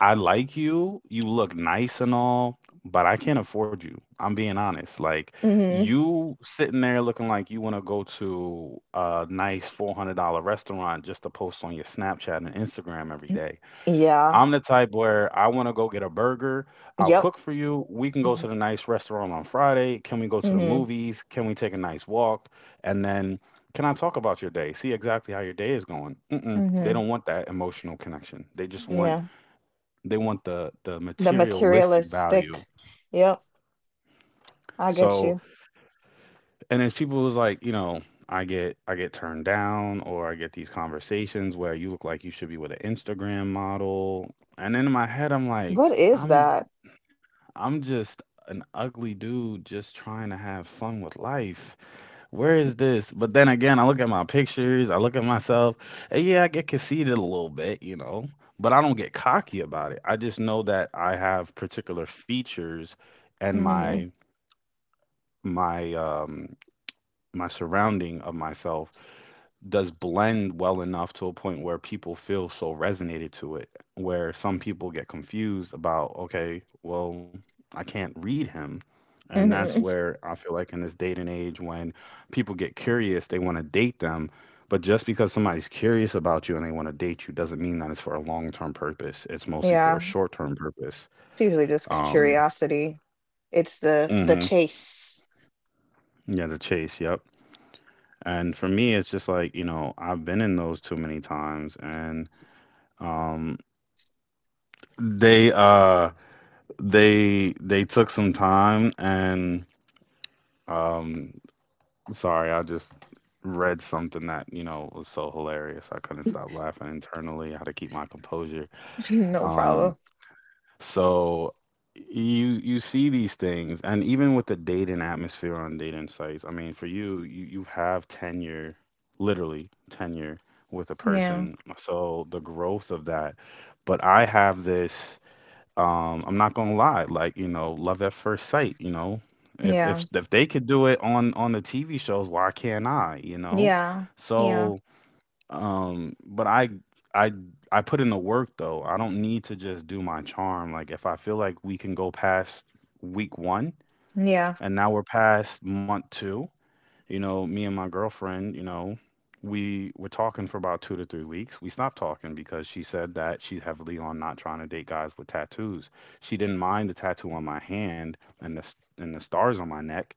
I like you. You look nice and all, but I can't afford you. I'm being honest. Like Mhm. you sitting there looking like you want to go to a nice $400 restaurant just to post on your Snapchat and Instagram every day. Yeah. I'm the type where I want to go get a burger. I'll Yep. cook for you. We can go Mm-hmm. to the nice restaurant on Friday. Can we go to the Mm-hmm. movies? Can we take a nice walk? And then can I talk about your day? See exactly how your day is going. Mm-mm. They Mm-hmm. don't want that emotional connection. They just want Yeah. they want the The materialistic value. materialistic. Yep. I get So, you. and it's people who's like, you know, I get turned down or I get these conversations where you look like you should be with an Instagram model. And then in my head I'm What like, is I'm that? I'm just an ugly dude just trying to have fun with life. Where is this? But then again, I look at my pictures, I look at myself, and yeah, I get conceited a little bit, you know, but I don't get cocky about it. I just know that I have particular features and Mm-hmm. My um my surrounding of myself does blend well enough to a point where people feel so resonated to it, where some people get confused about, okay, well, I can't read him. And that's Hmm. where I feel like in this date and age, when people get curious, they want to date them. But just because somebody's curious about you and they want to date you doesn't mean that it's for a long term purpose. It's mostly for Yeah. a short term purpose. It's usually just Um, curiosity. It's the hmm. chase. Yeah, the chase. Yep. And for me, it's just like, you know, I've been in those too many times. And, um, they uh they took some time and um sorry, I just read something that, you know, was so hilarious. I couldn't stop laughing internally. I had to keep my composure. No Um problem. so you you see these things, and even with the dating atmosphere on dating sites, I mean, for you you you have tenure, literally tenure with a Yeah. person. So the growth of that but I have this. I'm not gonna lie, like, you know, love at first sight, you know, if Yeah. if if they could do it on the TV shows, why can't I? You know, Yeah. Yeah. so um but i i i put in the work though. I don't need to just do my charm. Like if I feel like we can go past week one Yeah. and now we're past month two, you know, me and my girlfriend, you know, we were talking for about 2 to 3 weeks. We stopped talking because she said that she's heavily on not trying to date guys with tattoos. She didn't mind the tattoo on my hand and the stars on my neck,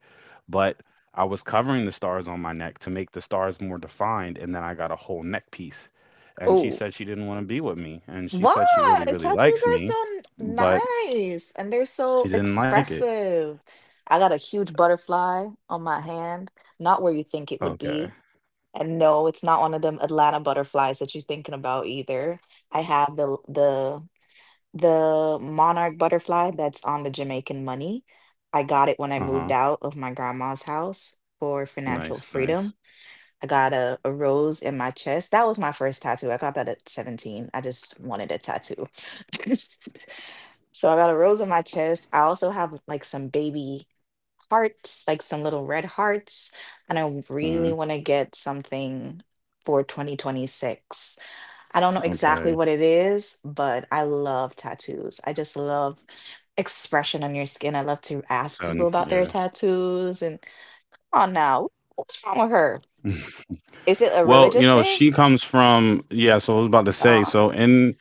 but I was covering the stars on my neck to make the stars more defined, and then I got a whole neck piece. And she Oh. said she didn't want to be with me, and she What? said she really, really Tattoos likes are me, so but nice and they're so she didn't like it. expressive. I got a huge butterfly on my hand, not where you think it would Okay. be. And no, it's not one of them Atlanta butterflies that you're thinking about either. I have the monarch butterfly that's on the Jamaican money. I got Uh it when I huh. moved out of my grandma's house for financial Nice, nice. freedom. I got a rose in my chest. That was my first tattoo. I got that at 17. I just wanted a tattoo. So I got a rose on my chest. I also have like some baby hearts, like some little red hearts, and I really Hmm. want to get something for 2026. I don't know exactly Okay. what it is, but I love tattoos. I just love expression on your skin. I love to ask Son, people about their yeah. tattoos and oh now, what's wrong with her? Is it a Well, you religious know, thing? she comes from yeah, so I was about to say, Uh, so in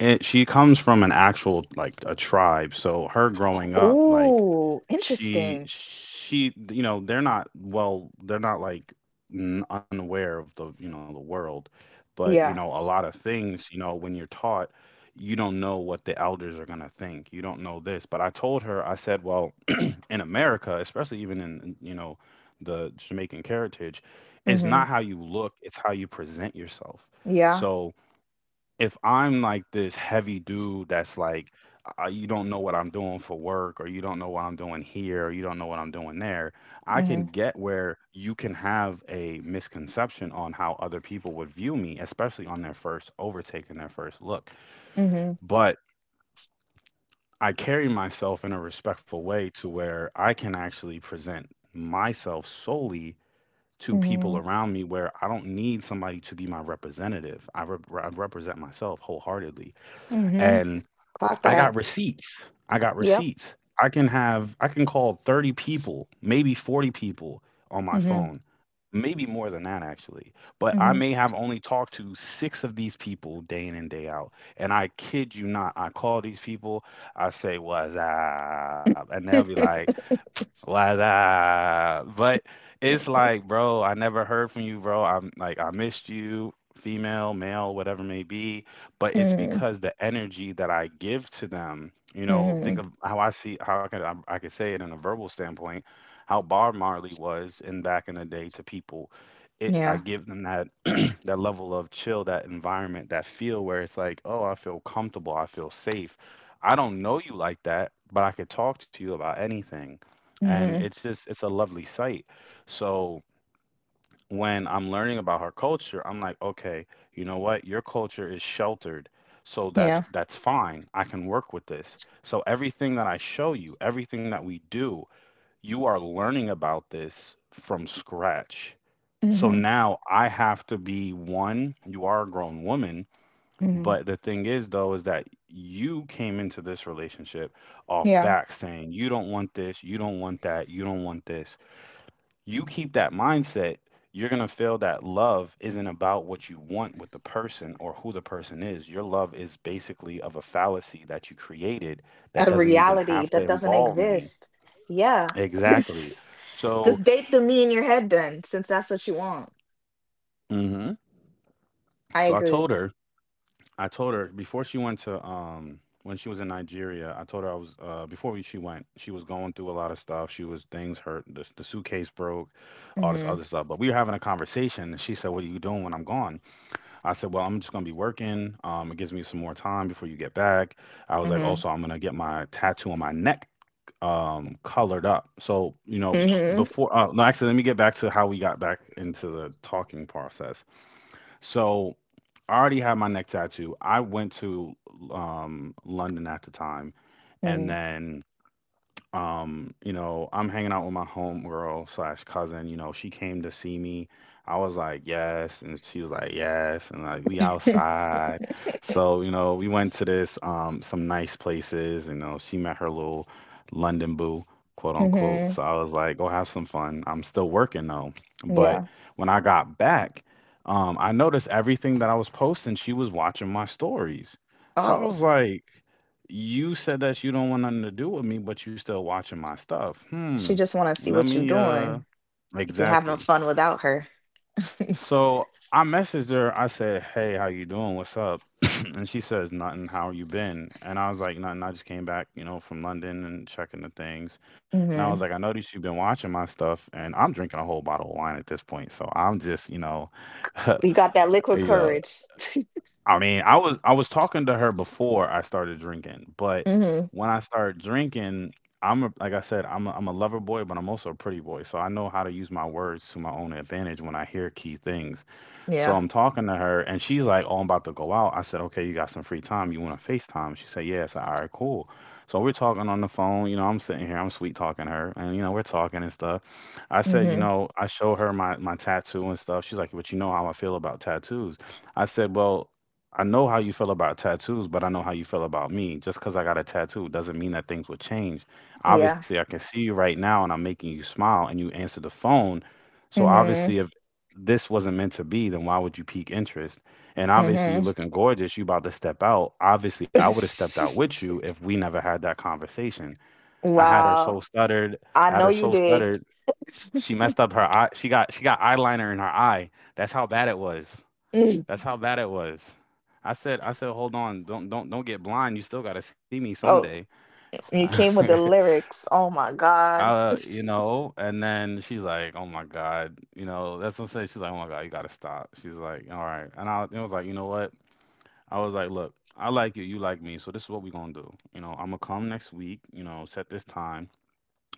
it, she comes from an actual like a tribe. So her growing up, like oh, she interesting. she you know, they're not well, they're not like n- unaware of the, you know, the world, but you know, Yeah. a lot of things, you know, when you're taught, you don't know what the elders are going to think. You don't know this. But I told her, I said, well, in America, especially even in, you know, the Jamaican heritage, it's Mm-hmm. not how you look, it's how you present yourself. Yeah. So if I'm like this heavy dude that's like, you don't know what I'm doing for work, or you don't know what I'm doing here, or you don't know what I'm doing there, I Mm-hmm. can get where you can have a misconception on how other people would view me, especially on their first overtake and their first look. Mm-hmm. But I carry myself in a respectful way to where I can actually present myself solely to people Mm-hmm. around me where I don't need somebody to be my representative. I represent myself wholeheartedly. Mm-hmm. And Clock I got that. receipts. I got Yep. receipts. I can call 30 people, maybe 40 people on my Mm-hmm. phone, maybe more than that actually. But I Mm-hmm. may have only talked to six of these people day in and day out. And I kid you not, I call these people, I say, what's up? And they'll be like, why's up? But it's like, bro, I never heard from you, bro. I'm like, I missed you, female, male, whatever it may be. But it's because the energy that I give to them, you know, Mm-hmm. think of how I see, I could say it in a verbal standpoint, how Bob Marley was in back in the day to people. It, I Yeah. give them that that level of chill, that environment, that feel where it's like, oh, I feel comfortable, I feel safe. I don't know you like that, but I could talk to you about anything, and Hmm. It's a lovely sight. So when I'm learning about her culture, I'm like, okay, you know what, your culture is sheltered. So Yeah. that's fine, I can work with this. So everything that I show you, everything that we do, you are learning about this from scratch. So Hmm. now I have to be one, you are a grown woman. Hmm. But the thing is though is that you came into this relationship off Yeah. back saying you don't want this, you don't want that, you don't want this. You keep that mindset, you're going to feel that love isn't about what you want with the person or who the person is. Your love is basically of a fallacy that you created that A doesn't even reality have to that doesn't involve me. exist. Yeah. Exactly. So, Just date the me in your head then, since that's what you want. hmm, I so agree. I told her before she went to, when she was in Nigeria, I told her I was, before we, she went, she was going through a lot of stuff. She was, things hurt, the suitcase broke, all this Hmm. other stuff. But we were having a conversation and she said, "What are you doing when I'm gone?" I said, "Well, I'm just gonna be working. It gives me some more time before you get back." I was like, Hmm. "Also, I'm gonna get my tattoo on my neck colored up." So you know, Hmm. before no, actually, let me get back to how we got back into the talking process. So I already had my neck tattoo. I went to London at the time, and Hmm. then I'm hanging out with my homegirl slash cousin. She came to see me. I was like, yes, and she was like, yes, and like, we outside. So we went to this some nice places. She met her little London boo, quote unquote. Hmm. So I was like, go have some fun, I'm still working though. But Yeah. when I got back, I noticed everything that I was posting, she was watching my stories. So I Oh, was like, you said that you don't want nothing to do with me, but you still watching my stuff. Hmm. she just want to see Let what you're me, doing. If you're having exactly. fun without her. So I messaged her, I said, Hey, how you doing? What's up? And she says, Nothing, how you been? And I was like, Nothing, I just came back, from London and checking the things. And I was like, Hmm. I noticed you've been watching my stuff, and I'm drinking a whole bottle of wine at this point. So I'm just, You got that liquid you know courage. I mean, I was talking to her before I started drinking, but Hmm. when I start drinking, I'm a, like I said, I'm a lover boy, but I'm also a pretty boy, so I know how to use my words to my own advantage when I hear key things. So Yeah. I'm talking to her and she's like, "Oh, I'm about to go out." I said, "Okay, you got some free time? You want to FaceTime?" She said, "Yeah." I said, "All right, cool." So we're talking on the phone. I'm sitting here, I'm sweet talking her, and we're talking and stuff. I said, Hmm. I show her my tattoo and stuff. She's like, "But you know how I feel about tattoos." I said, "Well." I know how you feel about tattoos, but I know how you feel about me. Just because I got a tattoo doesn't mean that things will change. Yeah. Obviously, I can see you right now, and I'm making you smile and you answer the phone. So Mhm. obviously, if this wasn't meant to be, then why would you pique interest? And obviously, you're Mhm. looking gorgeous. You about to step out. Obviously, I would have stepped out with you if we never had that conversation. I had her so Wow. stuttered. I I had her know you so did. stuttered. She messed up her eye. She got eyeliner in her eye. That's how bad it was. That's Mm. how bad it was. I said hold on. Don't get blind. You still got to see me Oh, someday. you came with the lyrics. Oh my God. Uh, you know, and then she's like, "Oh my God," that's what I'm saying. She's like, "Oh my God, you gotta stop." She's like, "All right," and I was like, "You know what?" I was like, "Look, I like you like me, so this is what we gonna do. I'm gonna come next week. Set this time.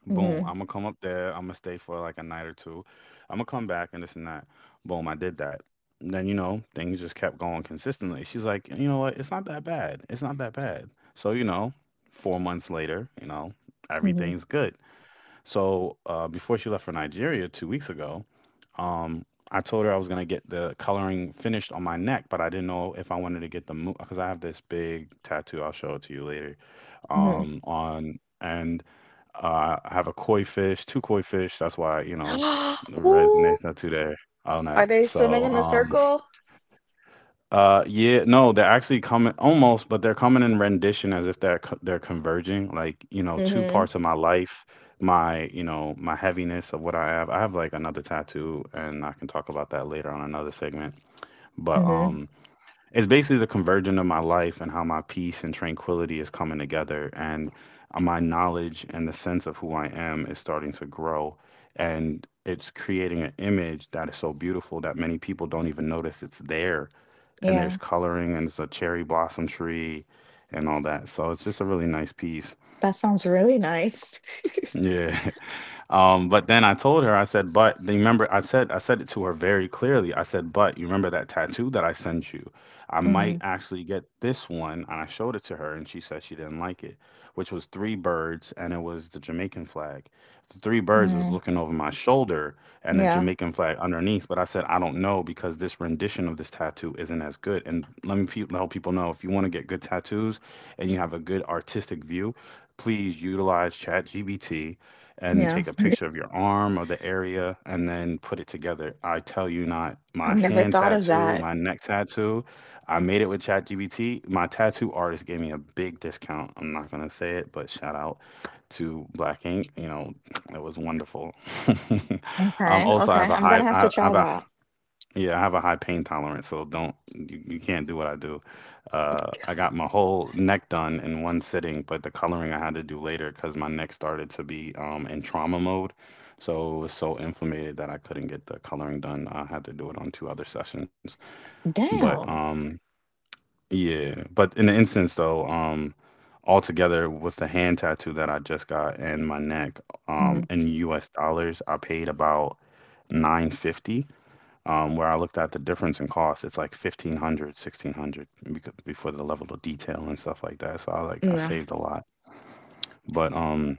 Boom, I'm Mhm. gonna come up there. I'm gonna stay for like a night or two. I'm gonna come back and this and that. Boom, I did that. And then things just kept going consistently. She's like, "You know what? It's not that bad. It's not that bad." So 4 months later, Mhm. everything's good. So before she left for Nigeria 2 weeks ago, um, I told her I was gonna get the coloring finished on my neck, but I didn't know if I wanted to get the moon because I have this big tattoo. I'll show it to you later. Mhm. On and I have a koi fish, two koi fish. That's why Ooh, resonates not too there on are that. they swimming So in a um, circle? uh, yeah, no, they're actually coming almost, but they're coming in rendition as if they're they're converging. Like, two Mhm. parts of my life, my heaviness of what I have. I have like another tattoo, and I can talk about that later on another segment. But Mhm. It's basically the convergence of my life and how my peace and tranquility is coming together, and my knowledge and the sense of who I am is starting to grow, and it's creating an image that is so beautiful that many people don't even notice it's there, and Yeah. there's coloring and it's a cherry blossom tree and all that. So it's just a really nice piece. That sounds really nice. Yeah. But then I told her, I said, but remember, I said it to her very clearly. I said, but you remember that tattoo that I sent you? I might Mhm. actually get this one. And I showed it to her, and she said she didn't like it, which was three birds, and it was the Jamaican flag. The three birds was Mm. looking over my shoulder and the Yeah. Jamaican flag underneath. But I said, I don't know because this rendition of this tattoo isn't as good. And let me help people know, if you want to get good tattoos and you have a good artistic view, please utilize ChatGPT and Yeah. take a picture of your arm or the area and then put it together. I tell you not, I've my never hand thought of tattoo, that. my neck tattoo, I made it with ChatGPT. My tattoo artist gave me a big discount. I'm not going to say it, but shout out to Black Ink. It was wonderful. um, Okay. also, I Okay. have a I'm high, gonna have to I try have a, that. yeah, I have a high pain tolerance, so don't you, you can't do what I do. I got my whole neck done in one sitting, but the coloring I had to do later because my neck started to be, in trauma mode. So it was so inflamed that I couldn't get the coloring done. I had to do it on two other sessions. But Damn. Yeah, but in the instance though, altogether with the hand tattoo that I just got and my neck, Mhm. in U.S. dollars, I paid about 950, where I looked at the difference in cost. It's like 1,500, 1,600, before the level of detail and stuff like that. So I, like, I Yeah. saved a lot. But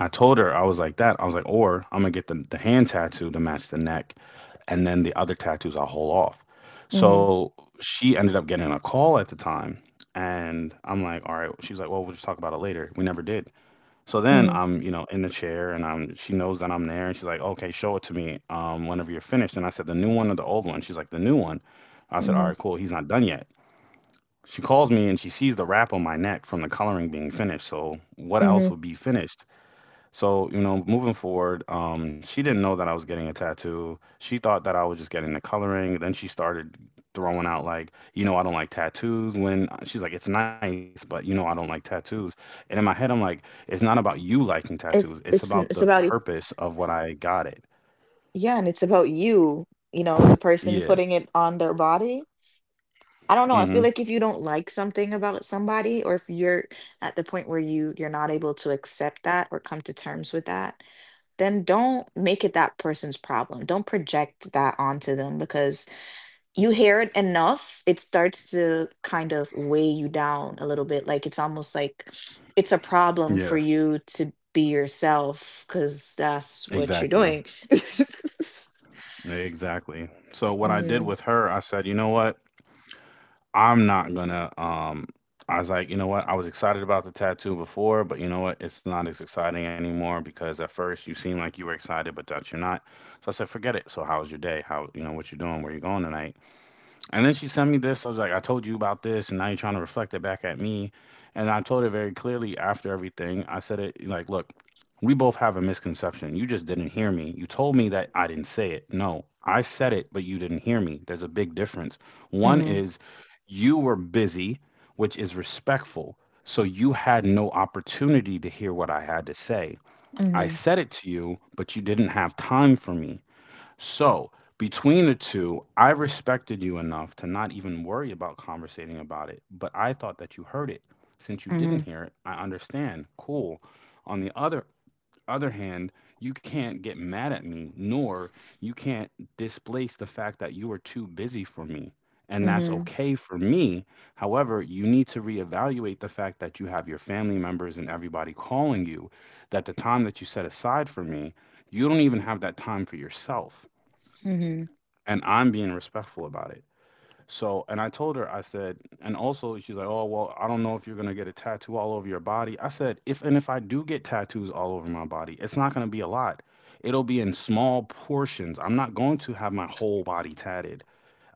I told her I was like that. I was like, or I'm gonna get the hand tattoo to match the neck, and then the other tattoos I'll hold off. Mhm. So she ended up getting a call at the time, and I'm like, all right. She was like, well, we'll just talk about it later. We never did. So then Mhm. I'm, in the chair, and I'm, she knows that I'm there, and she's like, "Okay, show it to me whenever you're finished." And I said, "The new one or the old one?" She's like, "The new one." I said, "All Mhm. right, cool. He's not done yet." She calls me and she sees the wrap on my neck from the coloring being finished. So, what else Mhm. would be finished? So, moving forward, she didn't know that I was getting a tattoo. She thought that I was just getting the coloring. Then she started throwing out, like, I don't like tattoos. When she's like, it's nice, but I don't like tattoos. And in my head, I'm like, it's not about you liking tattoos. It's about the It's about it, purpose of what I got it. yeah, and it's about you, you know, the Yeah. person putting it on their body. I don't know, I Mm-hmm. feel like if you don't like something about somebody, or if you're at the point where you're not able to accept that or come to terms with that, then don't make it that person's problem. Don't project that onto them because you hear it enough, it starts to kind of weigh you down a little bit. Like it's almost like it's a problem for Yes. you to be yourself because that's what you're Exactly. doing. Exactly. So what I did Mm-hmm. with her, I said, you know what? I'm not gonna, I was like, you know what? I was excited about the tattoo before, but you know what? It's not as exciting anymore because at first you seem like you were excited, but that you're not. So I said, forget it. So how was your day? How you know what you are doing? Where you going tonight? And then she sent me this. So I was like, I told you about this, and now you're trying to reflect it back at me. And I told her very clearly after everything. I said it like, look, we both have a misconception. You just didn't hear me. You told me that I didn't say it. No, I said it, but you didn't hear me. There's a big difference. One Mm-hmm. is you were busy, which is respectful. So you had no opportunity to hear what I had to say. I said it to you, but you didn't have time for me. So between the two, I respected you enough to not even worry about conversating about it, but I thought that you heard it. Since you didn't Mm-hmm. hear it, I understand. Cool. On the other hand, you can't get mad at me, nor you can't displace the fact that you are too busy for me. And that's Mm-hmm. okay for me. However, you need to reevaluate the fact that you have your family members and everybody calling you, that the time that you set aside for me, you don't even have that time for yourself. Mm-hmm. And I'm being respectful about it. So, and I told her, I said, and also she's like, oh, well, I don't know if you're going to get a tattoo all over your body. I said, if I do get tattoos all over my body, it's not going to be a lot. It'll be in small portions. I'm not going to have my whole body tatted.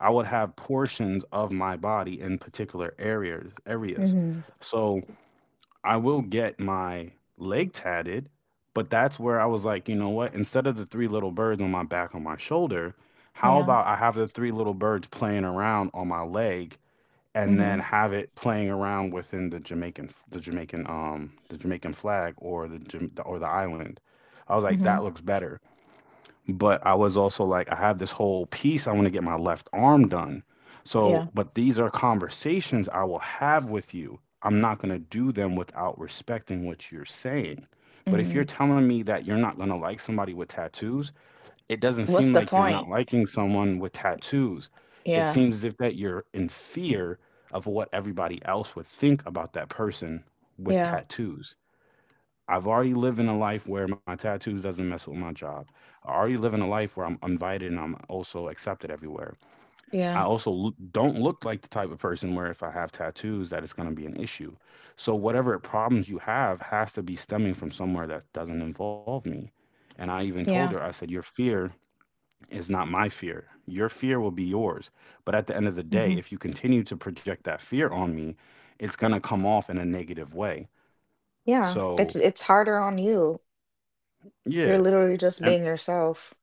I would have portions of my body in particular areas. Mm-hmm. So, I will get my leg tatted, but that's where I was like, you know what? Instead of the three little birds on my shoulder, how Yeah. about I have the three little birds playing around on my leg, and then Mm-hmm. have it playing around within the Jamaican flag or the island. I was like, Mm-hmm. that looks better, but I was also like, I have this whole piece. I want to get my left arm done. So, Yeah. but these are conversations I will have with you. I'm not going to do them without respecting what you're saying. But if Mm-hmm. you're telling me that you're not going to like somebody with tattoos, it doesn't What's seem the like you're not point? liking someone with tattoos. It Yeah. seems as if that you're in fear of what everybody else would think about that person with Yeah. tattoos. I've already living a life where my tattoos doesn't mess with my job. I already live in a life where I'm invited and I'm also accepted everywhere. Yeah. Don't look like the type of person where if I have tattoos that it's going to be an issue. So whatever problems you have has to be stemming from somewhere that doesn't involve me. And I even told her, Yeah. I said, your fear is not my fear. Your fear will be yours. But at the end of the Mm-hmm. day, if you continue to project that fear on me, it's going to come off in a negative way. Yeah. So, It's harder on you. You're yeah. literally just And being yourself.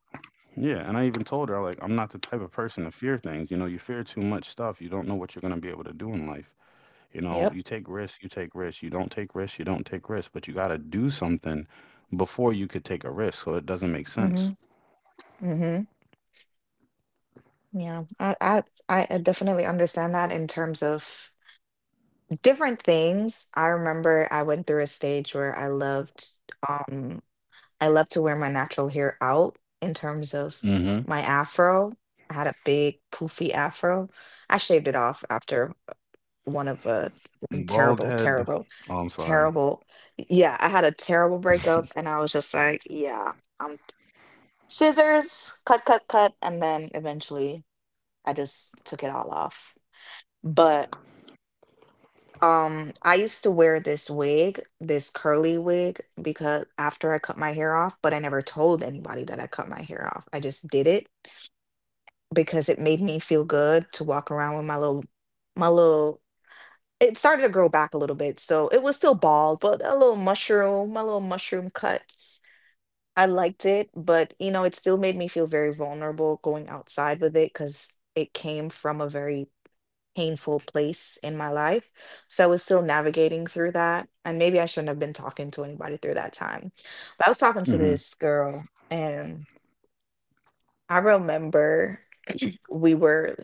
Yeah, and I even told her, like, I'm not the type of person to fear things. You know, you fear too much stuff. You don't know what you're going to be able to do in life. You know, Yep. you take risks, you take risks. You don't take risks, you don't take risks, but you got to do something before you could take a risk, so it doesn't make Mm-hmm. sense. Mm-hmm. Yeah, I, I definitely understand that in terms of different things. I remember I went through a stage where um I loved to wear my natural hair out in terms of Mhm. my afro. I had a big poofy afro. I shaved it off after one of a one Bald terrible, head. terrible, Oh, I'm sorry. terrible. Yeah, I had a terrible breakup and I was just like, yeah, um scissors, cut, cut, cut, and then eventually I just took it all off. But I used to wear this wig, this curly wig, because after I cut my hair off. But I never told anybody that I cut my hair off. I just did it because it made me feel good to walk around with my little it started to grow back a little bit, so it was still bald, but a little mushroom, my little mushroom cut. I liked it, but it still made me feel very vulnerable going outside with it because it came from a very painful place in my life. So I was still navigating through that. And maybe I shouldn't have been talking to anybody through that time. But I was talking to Mhm. this girl, and I remember we were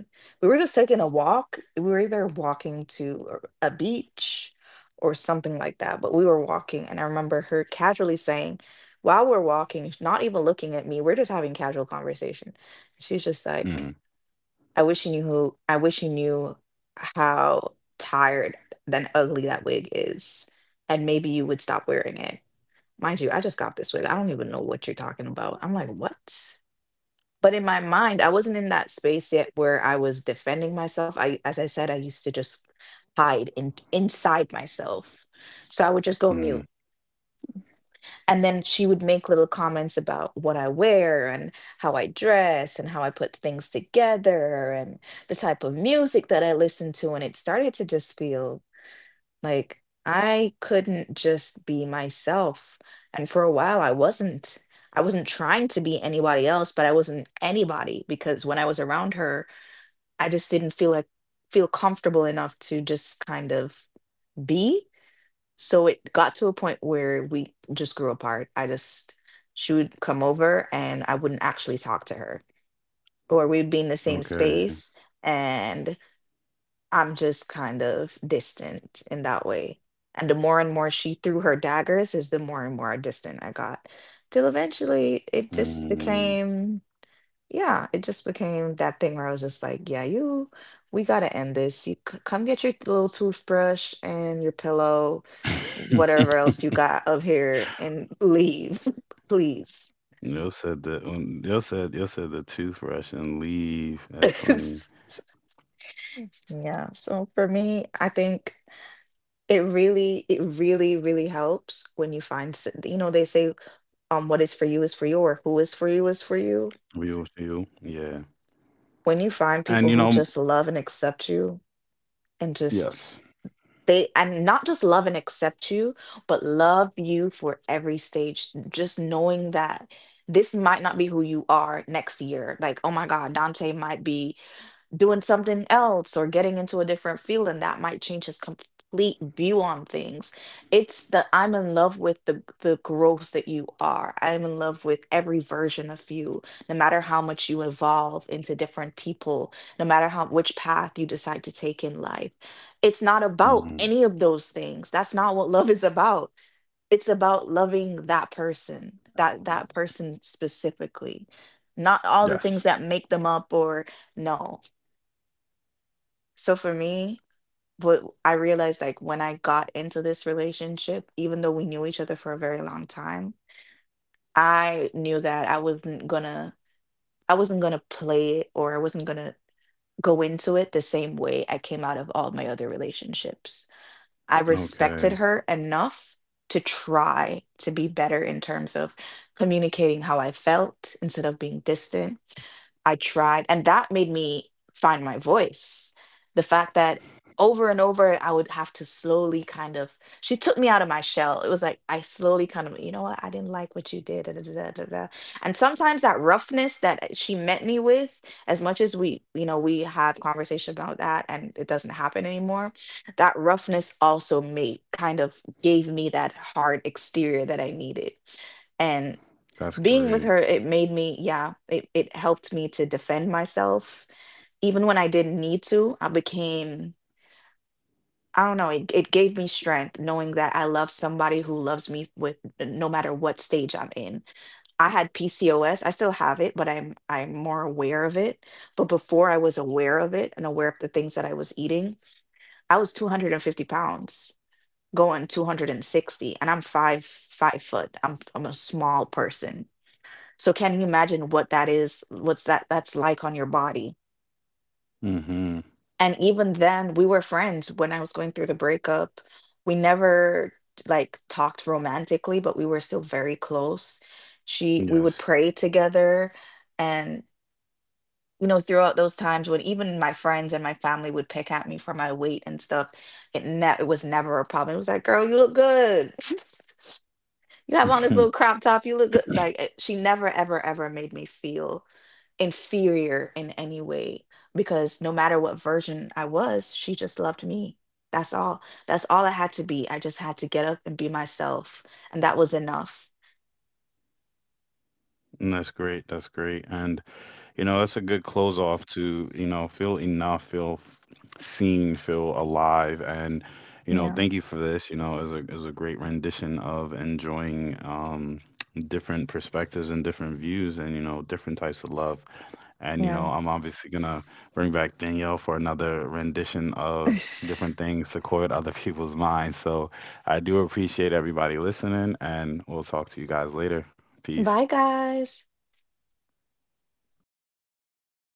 we were just taking a walk. We were either walking to a beach or something like that, but we were walking and I remember her casually saying, while we're walking, not even looking at me, we're just having casual conversation. She's just Mhm. like, I wish you knew how tired then ugly that wig is, and maybe you would stop wearing it. Mind you, I just got this wig. I don't even know what you're talking about. I'm like, what? But in my mind, I wasn't in that space yet where I was defending myself. I, as I said, I used to just hide inside myself. So I would just go Mhm. mute, and then she would make little comments about what I wear and how I dress and how I put things together and the type of music that I listen to. And it started to just feel like I couldn't just be myself. And for a while, I wasn't. I wasn't trying to be anybody else, but I wasn't anybody because when I was around her, I just didn't feel comfortable enough to just kind of be. So it got to a point where we just grew apart. I just, she would come over and I wouldn't actually talk to her, or we'd be in the same Okay. space and I'm just kind of distant in that way. And the more and more she threw her daggers, is the more and more distant I got. Till eventually it just Mhm. became. Yeah, it just became that thing where I was just like, yeah, you, we gotta end this. You come get your little toothbrush and your pillow, whatever else you got up here, and leave, please. Yo said the Yo said the toothbrush and leave. That's funny. Yeah, so for me, I think it really, really helps when you find, they say, what is for you, or who is for you is for you. Real to you. Yeah. When you find And people you who know, just love and accept you and just yes. They, and not just love and accept you, but love you for every stage. Just knowing that this might not be who you are next year. Like, oh my God, Dante might be doing something else or getting into a different field, and that might change his complete view on things. It's the, I'm in love with the growth that you are. I'm in love with every version of you, no matter how much you evolve into different people, no matter how which path you decide to take in life. It's not about Mhm. any of those things. That's not what love is about. It's about loving that person, that person specifically, not all the things Yes. that make them up or no. So for me, what I realized, like, when I got into this relationship, even though we knew each other for a very long time, I knew that I wasn't gonna play it, or I wasn't gonna go into it the same way I came out of all my other relationships. I respected Okay. her enough to try to be better in terms of communicating how I felt instead of being distant. I tried, and that made me find my voice. The fact that over and over, I would have to slowly kind of, she took me out of my shell. It was like, I slowly kind of, you know what, I didn't like what you did. Da, da, da, da, da. Da." And sometimes that roughness that she met me with, as much as we, you know, we had conversation about that and it doesn't happen anymore, that roughness also made kind of gave me that hard exterior that I needed. And That's great. being with her, it made me, yeah, it helped me to defend myself even when I didn't need to. I became, I don't know, it gave me strength, knowing that I love somebody who loves me with, no matter what stage I'm in. I had PCOS. I still have it, but I'm more aware of it. But before I was aware of it and aware of the things that I was eating, I was 250 pounds going 260 and 60, and I'm 5'5" I'm a small person. So can you imagine what that is, what's that, that's like on your body? Hmm. And even then, we were friends when I was going through the breakup. We never like talked romantically, but we were still very close. She we would Yes. pray together. And you know, throughout those times, when even my friends and my family would pick at me for my weight and stuff, it was never a problem. It was like, girl, you look good. You have on this little crop top. You look good. Like, she never, ever, ever made me feel inferior in any way, because no matter what version I was, she just loved me. That's all. That's all I had to be. I just had to get up and be myself, and that was enough. And that's great. That's great. And, you know, that's a good close off to, you know, feel enough, seen, feel alive. And, you know, Yeah. thank you for this. You know, is a great rendition of enjoying different perspectives and different views and, you know, different types of love. And, you Yeah. know, I'm obviously going to bring back Danielle for another rendition of different things to coil other people's minds. So I do appreciate everybody listening, and we'll talk to you guys later. Peace. Bye, guys.